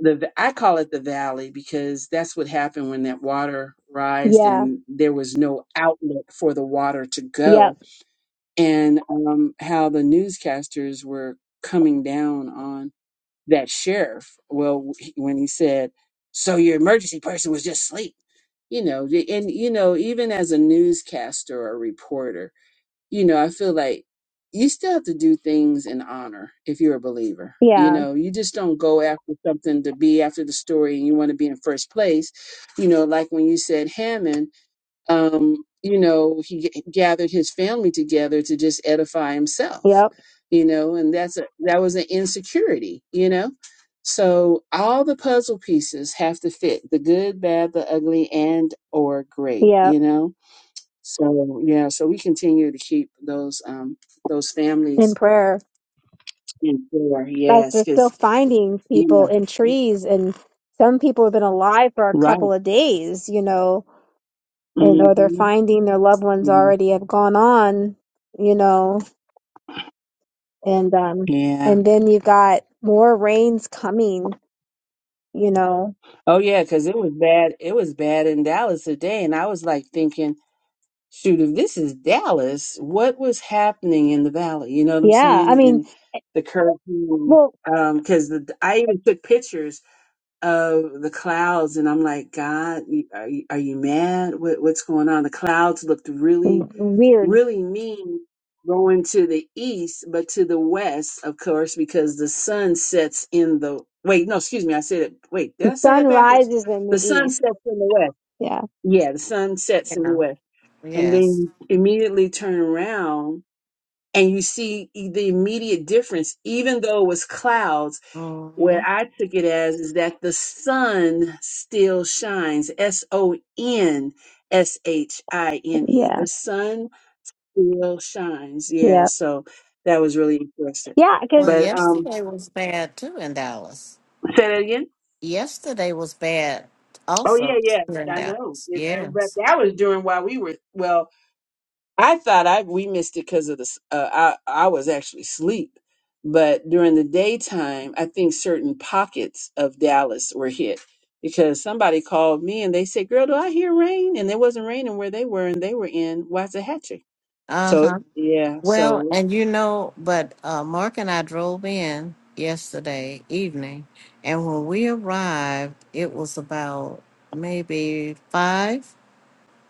S4: the I call it the valley because that's what happened when that water rised
S2: Yeah.
S4: and there was no outlet for the water to go
S2: Yep.
S4: and um, how the newscasters were coming down on that sheriff. Well, he- when he said, "So your emergency person was just asleep," you know, the- and you know, even as a newscaster or a reporter, you know, I feel like you still have to do things in honor if you're a believer. You
S2: Yeah.
S4: know, you just don't go after something to be after the story and you want to be in first place. You know, like when you said Hammond um, you know, he g- gathered his family together to just edify himself,
S2: Yep.
S4: you know, and that's a that was an insecurity, you know. So all the puzzle pieces have to fit the good, bad, the ugly, and or great, you
S2: Yep.
S4: know. So yeah, so we continue to keep those um those
S2: In
S4: families
S2: prayer.
S4: in prayer,
S2: Like
S4: yes,
S2: they're still
S4: because
S2: finding
S4: you
S2: people
S4: know,
S2: in trees and some people have been alive for a
S4: right,
S2: couple of days, you know, and or they're
S4: hmm
S2: finding their loved ones already have gone on, you know, and um
S4: yeah,
S2: and then you've got more rains coming, you know.
S4: oh yeah, because it was bad, it was bad in Dallas today, and I was like thinking. shoot, if this is Dallas, what was happening in the valley? You know what I'm
S2: Yeah. I
S4: saying?
S2: mean,
S4: In the curfew,
S2: well
S4: because the I even took pictures of the clouds, and I'm like, God, you- are you, are you mad? What, what's going on? The clouds looked really,
S2: w- weird.
S4: really mean going to the east, but to the west, of course, because the sun sets in the wait. No, excuse me, I said it. Wait, did
S2: The
S4: I say
S2: sun
S4: that backwards?
S2: rises in the
S4: The sun
S2: east.
S4: sets in the west.
S2: Yeah.
S4: Yeah, the sun sets in the
S1: Yeah.
S4: west and then
S1: Yes.
S4: you immediately turn around and you see e- the immediate difference even though it was clouds what
S1: hmm
S4: i took it as is that the sun still shines s-o-n-s-h-i-n-e
S2: Yeah.
S4: the sun still shines yeah
S2: Yeah.
S4: so that was really interesting.
S2: Yeah,
S1: Well,
S2: because
S4: but um
S1: yesterday was bad too in Dallas.
S4: say that again
S1: Yesterday was bad
S4: oh yeah
S1: also
S4: yeah
S1: here in
S4: i know
S1: Dallas.
S4: It- that-
S1: Yes.
S4: but that was during while we were well I thought I we missed it because of the s- uh, I I was actually asleep, but during the daytime, I think certain pockets of Dallas were hit because somebody called me and they said, "Girl, do I hear rain?" And it wasn't raining where they were, and they were in Waxahachie. So
S1: Uh-huh.
S4: yeah,
S1: Well,
S4: so
S1: and you know, but uh, Mark and I drove in yesterday evening, and when we arrived, it was about maybe five.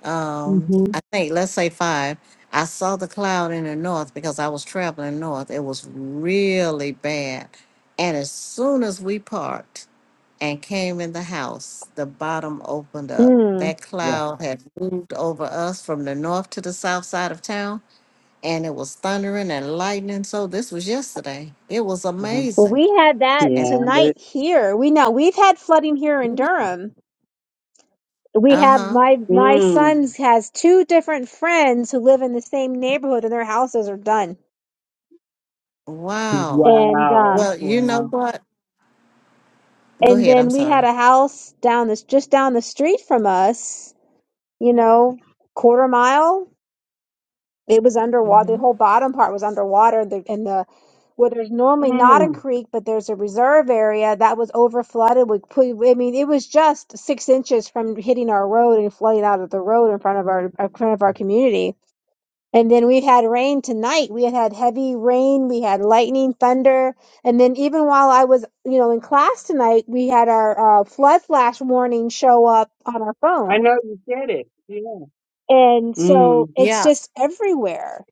S1: Um,
S4: hmm
S1: I think let's say five. I saw the cloud in the north because I was traveling north. It was really bad. And as soon as we parked and came in the house, the bottom opened up.
S2: Mm.
S1: That
S4: yeah,
S1: cloud had moved over us from the north to the south side of town and it was thundering and lightning. So this was yesterday. It was
S4: yeah,
S2: Well,
S1: amazing.
S2: we had that
S1: And
S4: yeah, but
S2: tonight here. We know we've had flooding here in Durham. We
S1: uh
S2: have
S1: huh.
S2: my my
S4: mm,
S2: son's has two different friends who live in the same neighborhood, and their houses are done.
S1: Wow.
S2: And
S4: wow,
S2: um,
S1: Well, you know
S4: wow,
S1: what? Go
S2: and
S1: ahead. I'm
S2: then we had
S1: sorry.
S2: a house down this just down the street from us. You know, quarter mile. It was underwater. The
S1: hmm
S2: whole bottom part was underwater, the, and the where there's normally not a
S4: mm,
S2: creek, but there's a reserve area that was over flooded. We put, I mean, it was just six inches from hitting our road and flooding out of the road in front of our in front of our community. And then we had rain tonight. We had had heavy rain. We had lightning, thunder, and then even while I was, you know, in class tonight, we had our uh, flood flash warning show up on our
S4: I
S2: phone,
S4: know you said it. Yeah,
S2: and so
S4: mm,
S2: it's
S1: Yeah.
S2: just everywhere.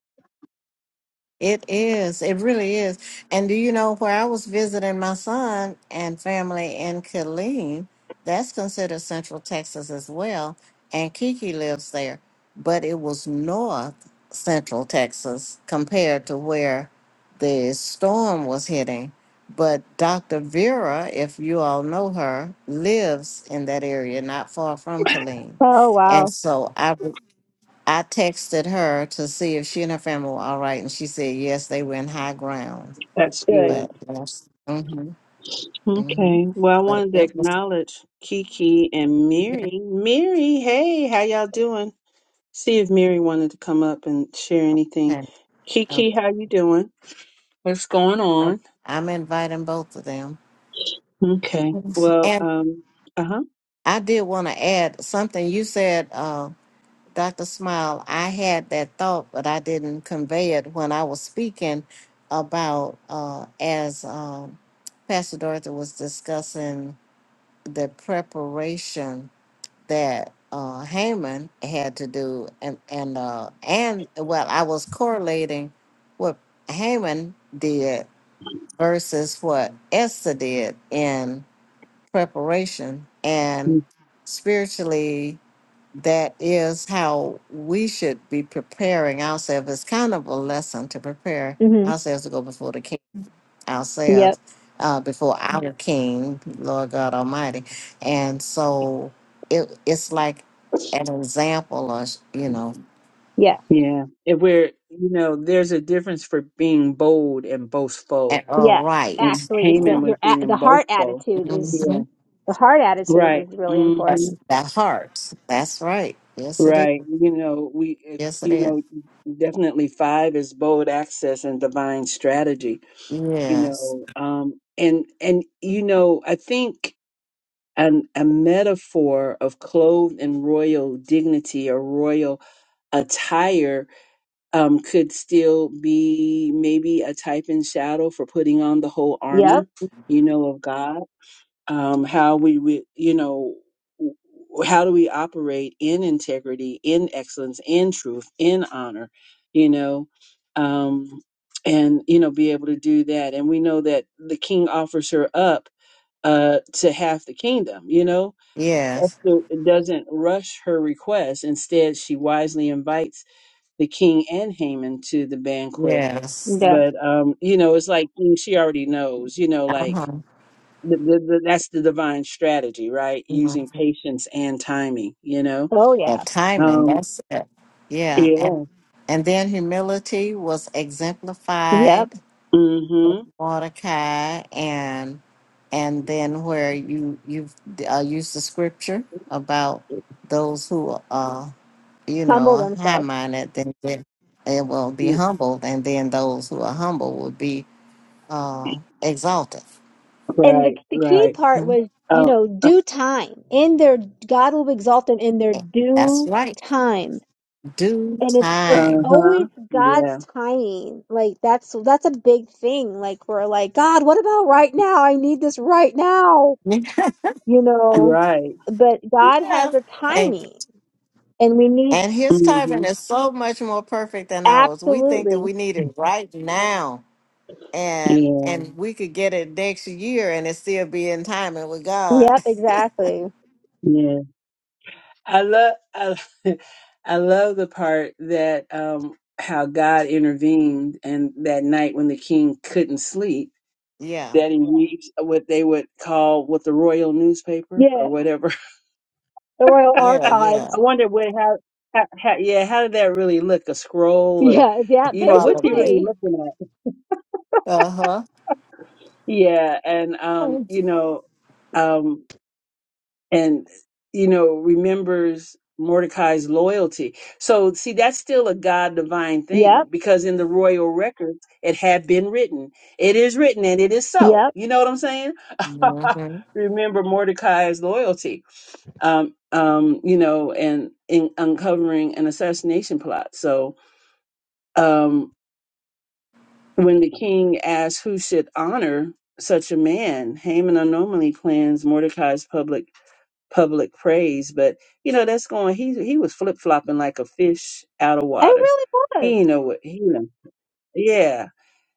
S1: It is. It really is. And do you know where I was visiting my son and family in Killeen? That's considered Central Texas as well. And Kiki lives there. But it was North Central Texas compared to where the storm was hitting. But Dr. Vera, if you all know her, lives in that area, not far from Killeen.
S2: Oh
S1: And
S2: wow,
S1: so I I texted her to see if she and her family were all right, and she said yes, they were in high ground.
S4: that's
S2: good.
S4: good.
S1: But yes, mm-hmm, mm-hmm.
S4: Okay. Well, I
S1: But
S4: wanted to
S1: it was
S4: acknowledge Kiki and Mary. Mary, hey, how y'all doing? See if Mary wanted to come up and share anything.
S1: irritating. Uh,
S4: Kiki, how you doing? What's going
S1: I'm
S4: on?
S1: I'm inviting both of them,
S4: Okay.
S1: Yes.
S4: Well,
S1: and
S4: um, uh-huh.
S1: I did want to add something. You said, uh, Doctor Smile, I had that thought, but I didn't convey it when I was speaking about uh, as um, Pastor Dorothy was discussing the preparation that uh, Haman had to do, and and uh, and well, I was correlating what Haman did versus what Esther did in preparation, and
S4: Mm,
S1: spiritually, that is how we should be preparing ourselves. It's kind of a lesson to prepare
S2: hmm
S1: ourselves to go before the king ourselves
S2: Yep.
S1: uh, before our Yes. King, Lord God Almighty. And so it, it's like an example or, you know,
S2: Yeah.
S4: Yeah. If We're, you know, there's a difference for being bold and
S1: a,
S4: boastful.
S1: a
S2: Yes,
S4: And
S1: right.
S2: actually, it's the
S4: Haman was
S2: your a- the
S4: being
S2: heart
S4: boastful.
S2: attitude is
S4: Yeah.
S1: Mhm.
S2: the heart attitude
S4: Right.
S2: is really
S4: hmm
S1: That's
S2: important.
S1: that heart. That's right. Yes, it is.
S4: Right. You know, we, if,
S1: Yes, it
S4: you
S1: is.
S4: know, definitely five is bold access and divine strategy, you
S1: Yes.
S4: know, um, and, and, you know, I think an, a metaphor of clothed in royal dignity or royal attire, um, could still be maybe a type and shadow for putting on the whole
S2: Yep.
S4: armor, you know, of God um, how we, we you know w- how do we operate in integrity in excellence in truth in honor you know um, and you know be able to do that and we know that the king offers her up uh, to half the kingdom you know
S1: Yes.
S4: esther doesn't rush her request instead she wisely invites the king and haman to the banquet
S1: Yes.
S2: Yeah.
S4: but um you know it's like mm, she already knows you know like
S1: Uh-huh.
S4: th- th- th- that's the divine strategy, right? Using
S1: Mhm.
S4: patience and timing, you know?
S2: Oh
S1: The
S2: yeah.
S1: timing.
S4: Um,
S1: That's it. Yeah. And
S4: yeah.
S1: and then humility was
S2: Yep.
S1: exemplified
S4: Mm-hmm.
S1: Mordecai and and then where you you uh, use the scripture about those who are you
S2: Humble
S1: know high
S2: themselves.
S1: minded then they, they will be humbled and then those who are humble will be uh, exalted.
S2: And the
S4: Right,
S2: the key
S4: right.
S2: part
S1: Mhm.
S2: was, you
S4: Oh,
S2: know,
S4: uh,
S2: due time. In their God will exalt them in their
S1: That's
S2: due
S1: right.
S2: time.
S1: Due
S2: And it's it's
S1: time.
S4: uh-huh.
S2: always God's
S4: Yeah.
S2: timing. Like that's that's a big thing. Like we're like, God, what about right now? I need this right now. You know,
S4: Right.
S2: but God
S1: yeah.
S2: has a
S1: And
S2: timing and we need
S1: and his
S4: Mm-hmm.
S1: timing is so much more perfect than ours. We think that
S2: Absolutely.
S1: we need it right now. and
S4: Yeah.
S1: and we could get it next year and it still be in timing with God.
S2: Yep, exactly.
S4: Yeah. I love, I, I love the part that, um, how God intervened and that night when the king couldn't sleep,
S1: Yeah,
S4: that he reached what they would call what the royal newspaper or
S2: Yeah,
S4: whatever
S2: the Royal
S1: yeah,
S4: I
S1: yeah,
S2: Archives.
S4: wonder what how, how, how yeah how did that really look a scroll or
S2: Yeah, yeah,
S4: you know what's he
S1: probably.
S4: really
S2: basically.
S4: looking at
S1: Uh huh.
S4: yeah and um you know um and you know remembers Mordecai's loyalty. So see that's still a god divine thing
S2: Yep,
S4: because in the royal records it had been written. It is written and it is so.
S2: yep.
S4: You know what I'm saying?
S1: Mm-hmm.
S4: Remember Mordecai's loyalty. Um um you know and in uncovering an assassination plot. So um when the king asked who should honor such a man, Haman unknowingly plans Mordecai's public public praise, but you know that's going. He he was flip flopping like a fish out of
S2: It
S4: water.
S2: really was.
S4: He ain't know what he know. Yeah,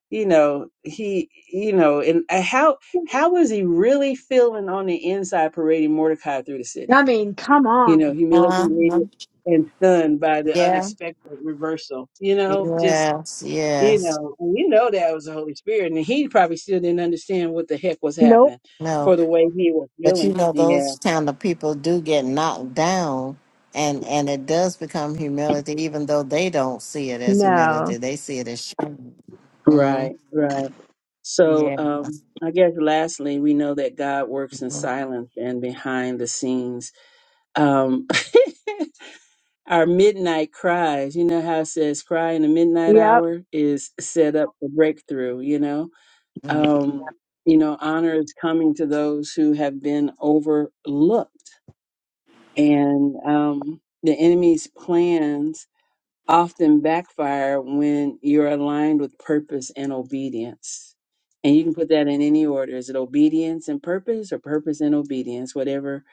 S4: you know he you know and uh, how how was he really feeling on the inside parading Mordecai through the
S2: I
S4: city?
S2: mean, come
S4: You know,
S2: on.
S1: Uh huh.
S4: humiliated and stunned by the
S1: Yeah.
S4: unexpected reversal. You know, just
S1: Yes.
S4: you
S1: Yes.
S4: know, and you know that was the Holy Spirit, and he probably still didn't understand what the heck was
S2: Nope.
S4: happening
S1: No,
S4: for the way he was
S1: but
S4: feeling.
S1: you know
S4: Yeah,
S1: those kind of people do get knocked down, and and it does become humility, even though they don't see it as humility.
S2: No.
S1: They see it as shame. Mm,
S4: right, right. So,
S1: yeah.
S4: um, I guess lastly, we know that God works in silence and behind the scenes. Um, our midnight cries, you know how it says cry in the midnight
S2: Yep.
S4: hour is set up for breakthrough, you know?
S1: Mm-hmm.
S4: Um, you know, honor is coming to those who have been overlooked. And um, the enemy's plans often backfire when you're aligned with purpose and obedience. And you can put that in any order. Is it obedience and purpose or purpose and obedience? Whatever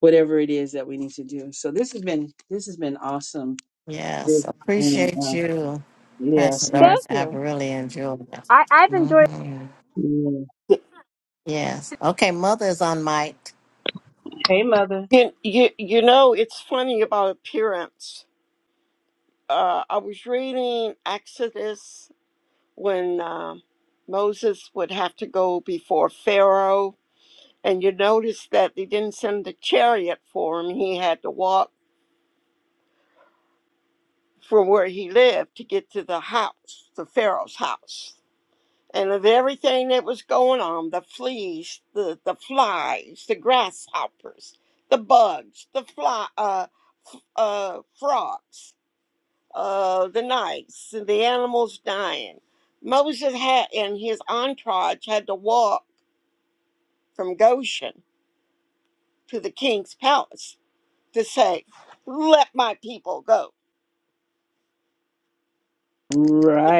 S4: whatever it is that we need to do. So this has been this has been awesome. This-
S1: Yes,
S4: And
S1: appreciate
S4: uh,
S1: you,
S4: yes,
S1: Pastor
S4: and
S2: Thank
S1: Doris. I've
S2: you.
S1: really enjoyed it.
S2: I, I've enjoyed
S1: hmm
S4: yeah.
S1: Yes. Okay, Mother is on mic.
S4: hey mother.
S3: You, you, you know, it's funny about appearance. Uh, I was reading Exodus when um Moses would have to go before Pharaoh And you notice that they didn't send a chariot for him. He had to walk from where he lived to get to the house, the Pharaoh's house. And of everything that was going on, the fleas, the, the flies, the grasshoppers, the bugs, the fly, uh, uh, frogs, uh, the mice, and the animals dying. Moses had, and his entourage had to walk from Goshen to the king's palace to say, let my people go.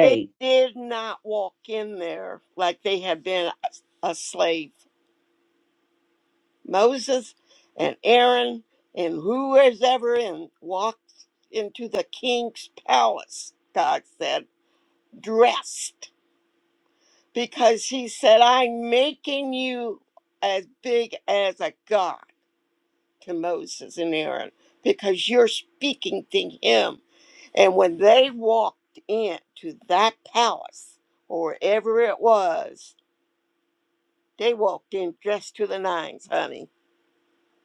S3: They did not walk in there like they had been a a slave. Moses and Aaron and who was ever in walked into the king's palace, God said, dressed, because he said, I'm making you as big as a god to Moses and Aaron because you're speaking to him And when they walked into that palace, or wherever it was, they walked in dressed to the nines, honey.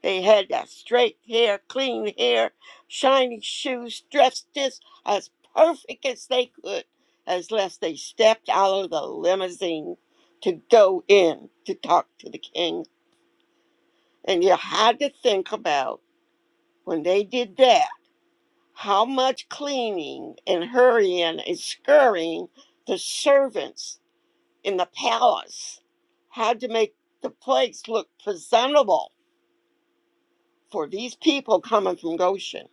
S3: They had that straight hair, clean hair, shiny shoes, dressed just as perfect as they could, as less they stepped out of the limousine to go in to talk to the king. And you had to think about when they did that How much cleaning and hurrying and scurrying the servants in the palace had to make the place look presentable for these people coming from Goshen.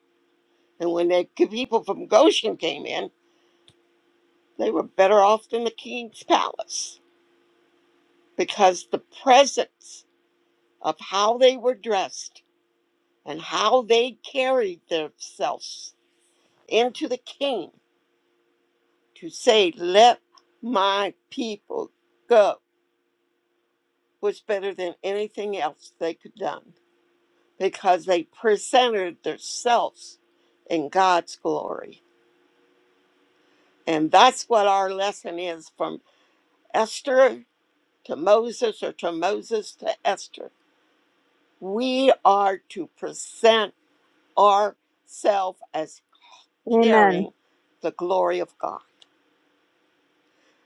S3: And when the people from Goshen came in, they were better off than the king's palace because the presence of how they were dressed and how they carried themselves into the king to say, Let my people go was better than anything else they could done because they presented themselves in God's glory. And that's what our lesson is from Esther to Moses or to Moses to Esther. We are to present ourselves as
S2: Amen.
S3: carrying the glory of God.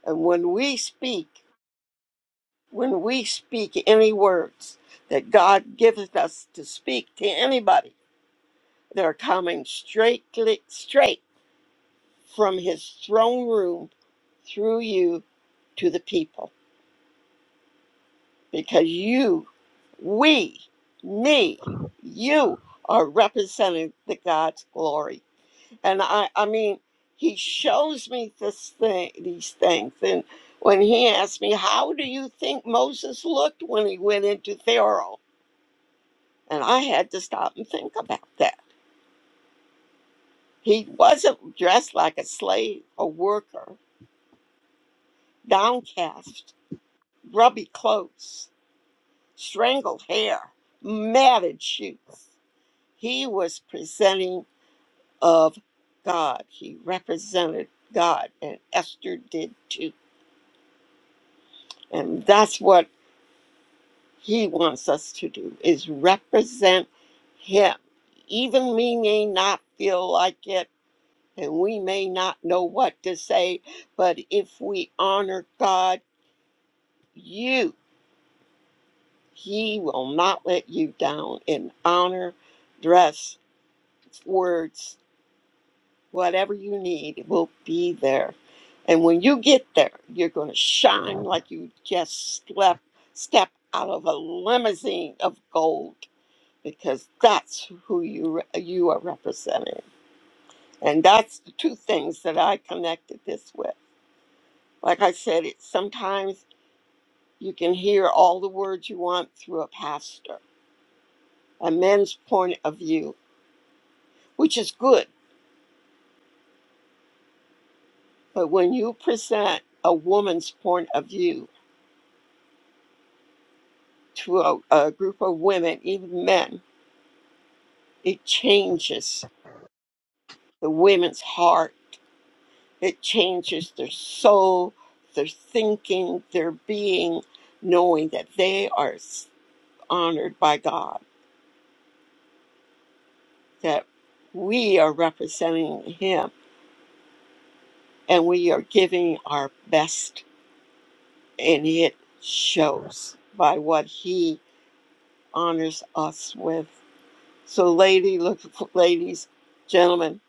S3: And when we speak, when we speak any words that God giveth us to speak to anybody, They're coming straight, straight from his throne room through you to the people because you, we, me, you are representing the God's glory. And I, I mean, he shows me this thing, these things. And when he asked me, how do you think Moses looked when he went into Pharaoh? And I had to stop and think about that. He wasn't dressed like a slave, a worker downcast, grubby clothes, strangled hair, matted shoes. He was presenting of God. He represented God, and Esther did too. And that's what he wants us to do is represent him. Even we may not feel like it, and we may not know what to say, but if we honor God, you. He will not let you down in honor, dress, words, whatever you need it will be there. And when you get there, you're going to shine like you just slept, stepped out of a limousine of gold because that's who you re- you are representing. And that's the two things that I connected this with. Like I said, it sometimes you can hear all the words you want through a pastor, a man's point of view, which is good. But when you present a woman's point of view to a, a group of women, even men, it changes the women's heart. It changes their soul, their thinking, their being, knowing that they are s- honored by God, that we are representing Him and we are giving our best. And it shows by what He honors us with. So, lady, look, for, ladies, gentlemen,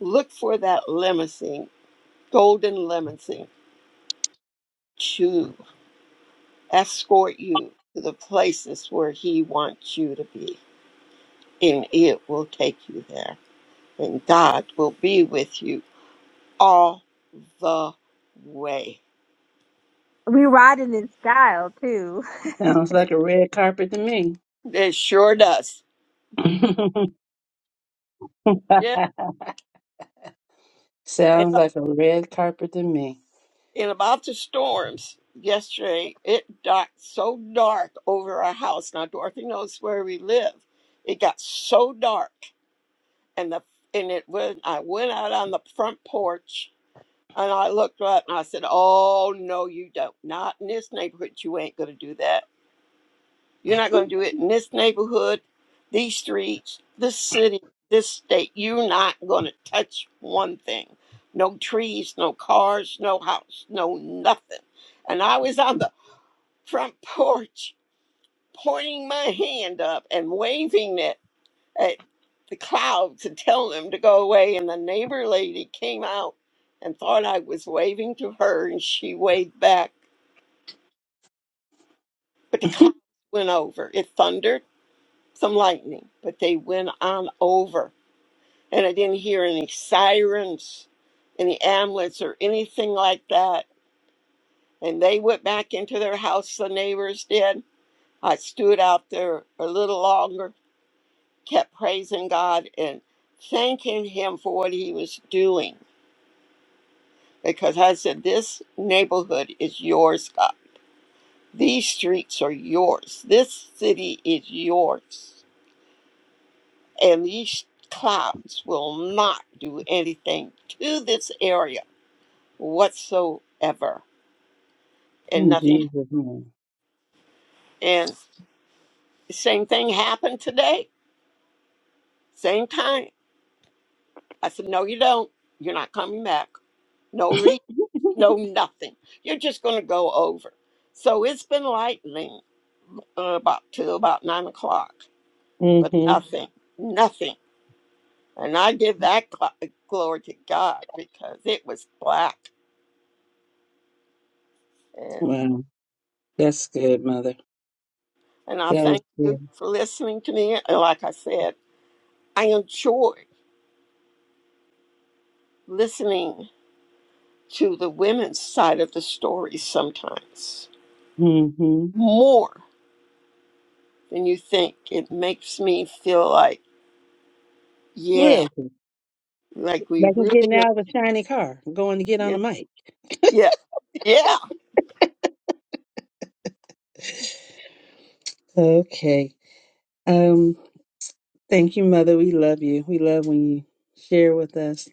S3: look for that limousine, golden limousine, to escort you to the places where He wants you to be, and it will take you there. And God will be with you all the way.
S2: We riding in style too.
S4: Sounds like a red carpet to me.
S3: It sure does. Yeah. And,
S4: Sounds like a red carpet to me.
S3: and about the storms yesterday, it got so dark over our house. Now, Dorothy knows where we live. It got so dark and the and it went I went out on the front porch and I looked up and I said, Oh no you don't. Not in this neighborhood you ain't gonna do that. You're not gonna do it in this neighborhood, these streets, this city, this state. You're not gonna touch one thing. No trees, no cars, no house, no nothing. And I was on the front porch pointing my hand up and waving it at the cloud to tell them to go away. And the neighbor lady came out and thought I was waving to her, and she waved back. But the cloud went over. It thundered, some lightning, but they went on over. And I didn't hear any sirens, any amulets, or anything like that. And they went back into their house, the neighbors did. I stood out there a little longer, kept praising God and thanking Him for what He was doing because I said, This neighborhood is yours, God. These streets are yours. This city is yours. And these clouds will not do anything to this area whatsoever. And
S4: In
S3: nothing.
S4: Jesus' name.
S3: And the same thing happened today, same time. I said, No, you don't. You're not coming back. No reason, no nothing. You're just going to go over. So it's been lightning uh, about till about nine o'clock but
S4: Mm-hmm.
S3: nothing, nothing. And I give that gl- glory to God because it was black. And,
S4: Wow. That's good, mother.
S3: and I
S4: That is
S3: thank you
S4: good.
S3: for listening to me. And like I said, I enjoy listening to the women's side of the story sometimes
S4: Mm-hmm.
S3: more than you think. It makes me feel like, yeah,
S4: Real good.
S3: like we
S4: Like I'm getting
S3: really,
S4: out of a shiny car, going to get on
S3: yeah,
S4: the mic.
S3: yeah, yeah.
S4: Okay. Um, thank you, Mother. We love you. We love when you share with us.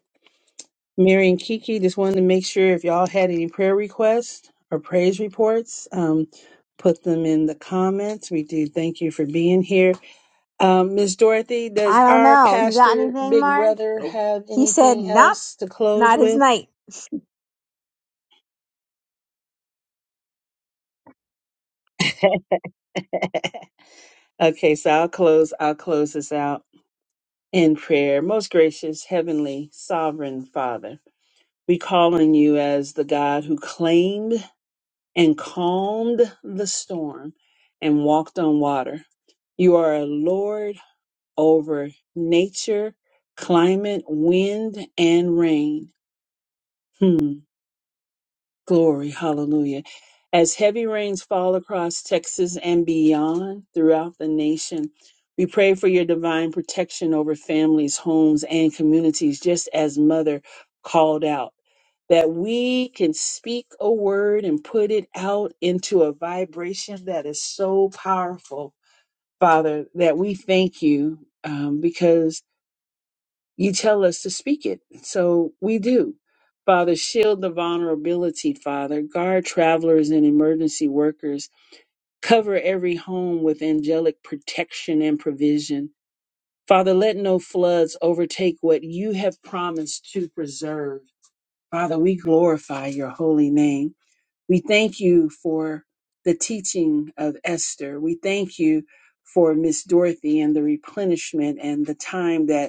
S4: Mary and Kiki just wanted to make sure if y'all had any prayer requests or praise reports, um, put them in the comments. We do thank you for being here. Um, Ms. Dorothy, does
S2: I don't
S4: our
S2: know. You got
S4: pastor,
S2: anything,
S4: big
S2: Mark?
S4: brother,
S2: Nope.
S4: have
S2: He said,
S4: anything
S2: Nope,
S4: else to close
S2: not his
S4: with?
S2: night.
S4: Okay, so I'll close. I'll close this out. in prayer. Most gracious, heavenly, sovereign Father, we call on you as the God who claimed and calmed the storm and walked on water. You are a Lord over nature, climate, wind, and rain. Hmm. Glory, hallelujah. As heavy rains fall across Texas and beyond throughout the nation, we pray for your divine protection over families, homes, and communities, just as Mother called out, that we can speak a word and put it out into a vibration that is so powerful. Father, that we thank you um, because you tell us to speak it, so we do. Father, shield the vulnerability, Father. Guard travelers and emergency workers. Cover every home with angelic protection and provision. Father, let no floods overtake what you have promised to preserve. Father, we glorify your holy name. We thank you for the teaching of Esther. We thank you for Miss Dorothy and the replenishment and the time that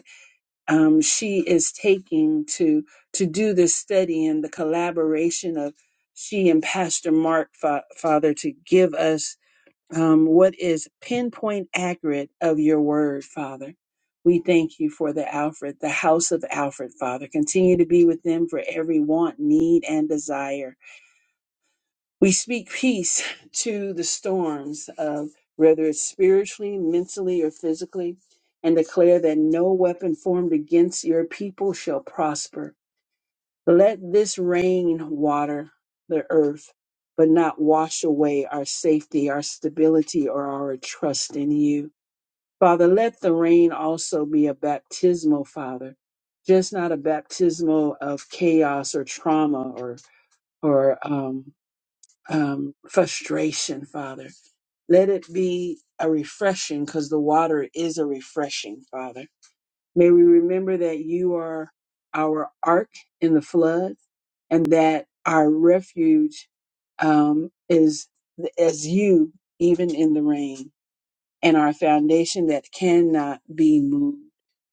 S4: um, she is taking to to do this study and the collaboration of she and Pastor Mark Fa- Father to give us um, what is pinpoint accurate of your word, Father. We thank you for the Alfred, the house of Alfred, Father. Continue to be with them for every want, need, and desire. We speak peace to the storms of whether it's spiritually, mentally, or physically, and declare that no weapon formed against your people shall prosper. Let this rain water the earth, but not wash away our safety, our stability, or our trust in you. Father, let the rain also be a baptismal, Father, just not a baptismal of chaos or trauma or or um, um, frustration, Father. Let it be a refreshing because the water is a refreshing, Father. May we remember that you are our ark in the flood and that our refuge um, is as you, even in the rain, and our foundation that cannot be moved.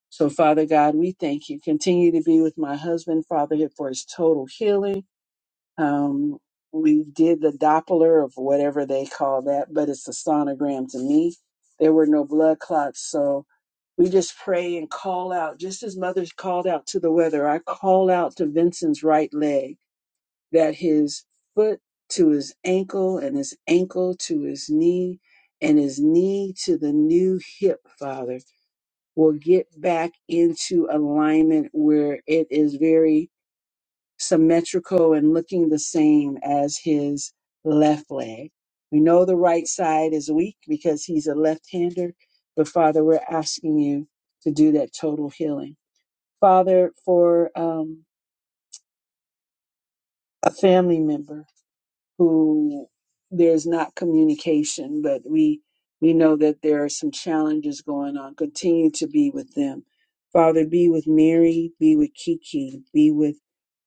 S4: So, Father God, we thank you. Continue to be with my husband, Father, for his total healing um, we did the Doppler of whatever they call that, but it's a sonogram to me. There were no blood clots, so we just pray and call out, just as mothers called out to the weather. I call out to Vincent's right leg that his foot to his ankle and his ankle to his knee and his knee to the new hip, Father, will get back into alignment where it is very symmetrical and looking the same as his left leg. We know the right side is weak because he's a left hander, but Father, we're asking you to do that total healing. Father, for um, a family member who there's not communication, but we we know that there are some challenges going on. Continue to be with them. Father, be with Mary, be with Kiki, be with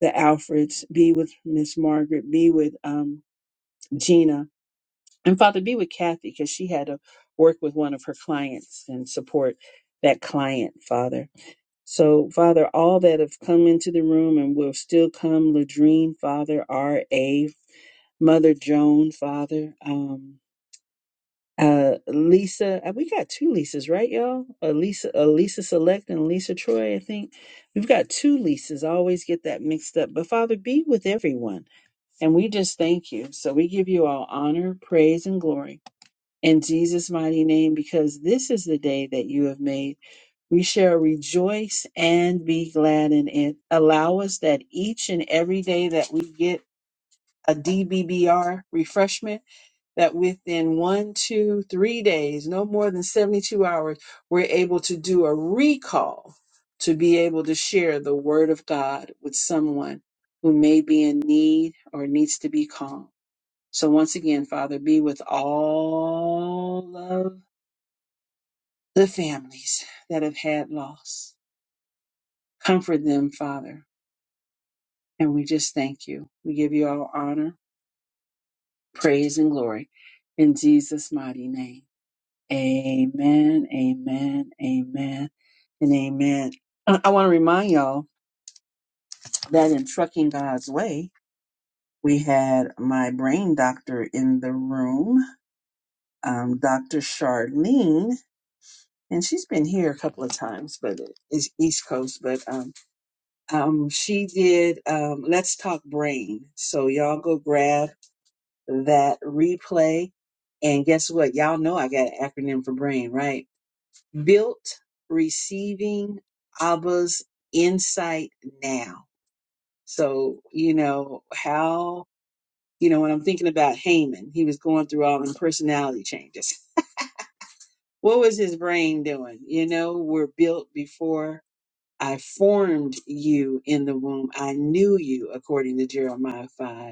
S4: the Alfreds, be with Miss Margaret, be with um, Gina. And Father, be with Kathy because she had to work with one of her clients and support that client, Father. So, Father, all that have come into the room and will still come, Ladrine, Father, R.A., Mother Joan, Father, um, uh, Lisa. uh, We got two Lisas, right, y'all? A Lisa, a Lisa Select and Lisa Troy, I think. We've got two Lisas. I always get that mixed up. But Father, be with everyone. And we just thank you. So we give you all honor, praise, and glory in Jesus' mighty name, because this is the day that you have made we shall rejoice and be glad in it. Allow us that each and every day that we get a DBBR refreshment, that within one, two, three days, no more than 72 hours, we're able to do a recall to be able to share the word of God with someone who may be in need or needs to be calm. So once again, Father, be with all of the families that have had loss Comfort them, Father. And we just thank you. We give you all honor, praise, and glory in Jesus' mighty name. Amen, amen, amen, and amen. Uh, I want to remind y'all that in Trucking God's Way, we had my brain doctor in the room, um, Dr. Charlene, and she's been here a couple of times, but it's East Coast, but um, um, she did um, Let's Talk Brain. So y'all go grab that replay. And guess what? Y'all know I got an acronym for brain, right? Built receiving Abba's insight now. So, you know, how, you know, when I'm thinking about Haman, he was going through all the personality changes. What was his brain doing? You know, we're built before I formed you in the womb. I knew you, according to Jeremiah 5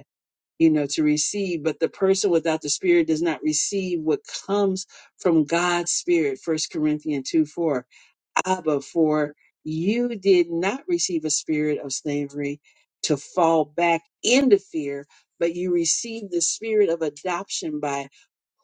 S4: you know, to receive, but the person without the spirit does not receive what comes from God's spirit, first Corinthians 2 4. Abba, for you did not receive a spirit of slavery to fall back into fear, but you received the spirit of adoption by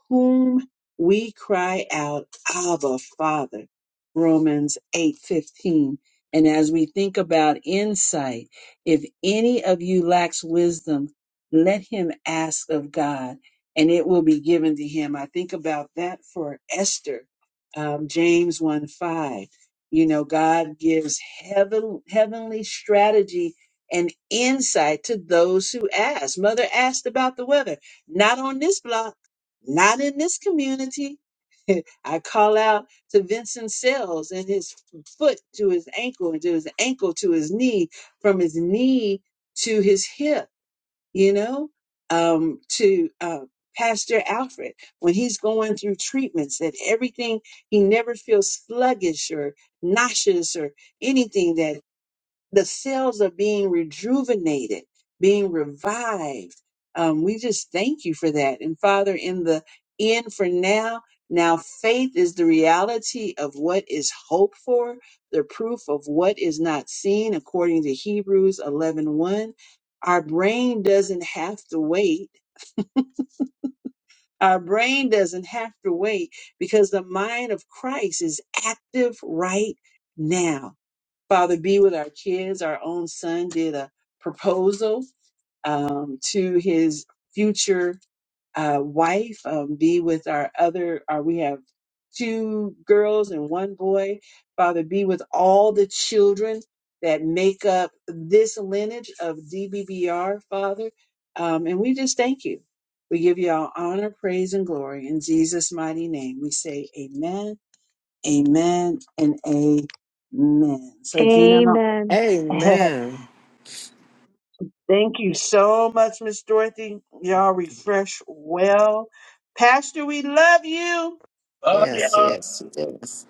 S4: whom we cry out, Abba, Father. Romans 8:15. And as we think about insight, if any of you lacks wisdom, let him ask of God, and it will be given to him. I think about that for Esther, um, James one five. You know, God gives heaven, heavenly strategy and insight to those who ask. Mother asked about the weather. Not on this block, not in this community. I call out to Vincent Sells and his foot to his ankle and to his ankle to his knee, from his knee to his hip you know, um, to uh, Pastor Alfred when he's going through treatments, that everything, he never feels sluggish or nauseous or anything that the cells are being rejuvenated, being revived. Um, we just thank you for that. And Father, in the end for now, now faith is the reality of what is hoped for, the proof of what is not seen, according to Hebrews eleven one. Our brain doesn't have to wait. Our brain doesn't have to wait because the mind of Christ is active right now. Father, be with our kids. Our own son did a proposal um, to his future uh, wife. Um, be with our other, our, we have two girls and one boy. Father, be with all the children that make up this lineage of DBBR, Father. Um, and we just thank you. We give you all honor, praise, and glory. In Jesus' mighty name, we say amen, amen, and amen. So, Gina,
S2: Amen.
S1: Amen.
S4: Thank you so much, Miss Dorothy. Y'all refresh well. Pastor, we love you.
S1: Yes, yes, yes.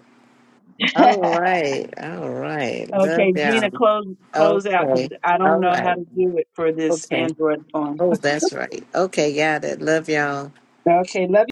S1: All right, all right.
S4: okay,
S1: Love
S4: Gina,
S1: y'all.
S4: close close out because
S1: Okay,
S4: I don't
S1: all
S4: know how
S1: right.
S4: to do it for this
S1: Okay.
S4: Android phone.
S1: Oh, that's right. Okay, got it. Love y'all.
S4: Okay, love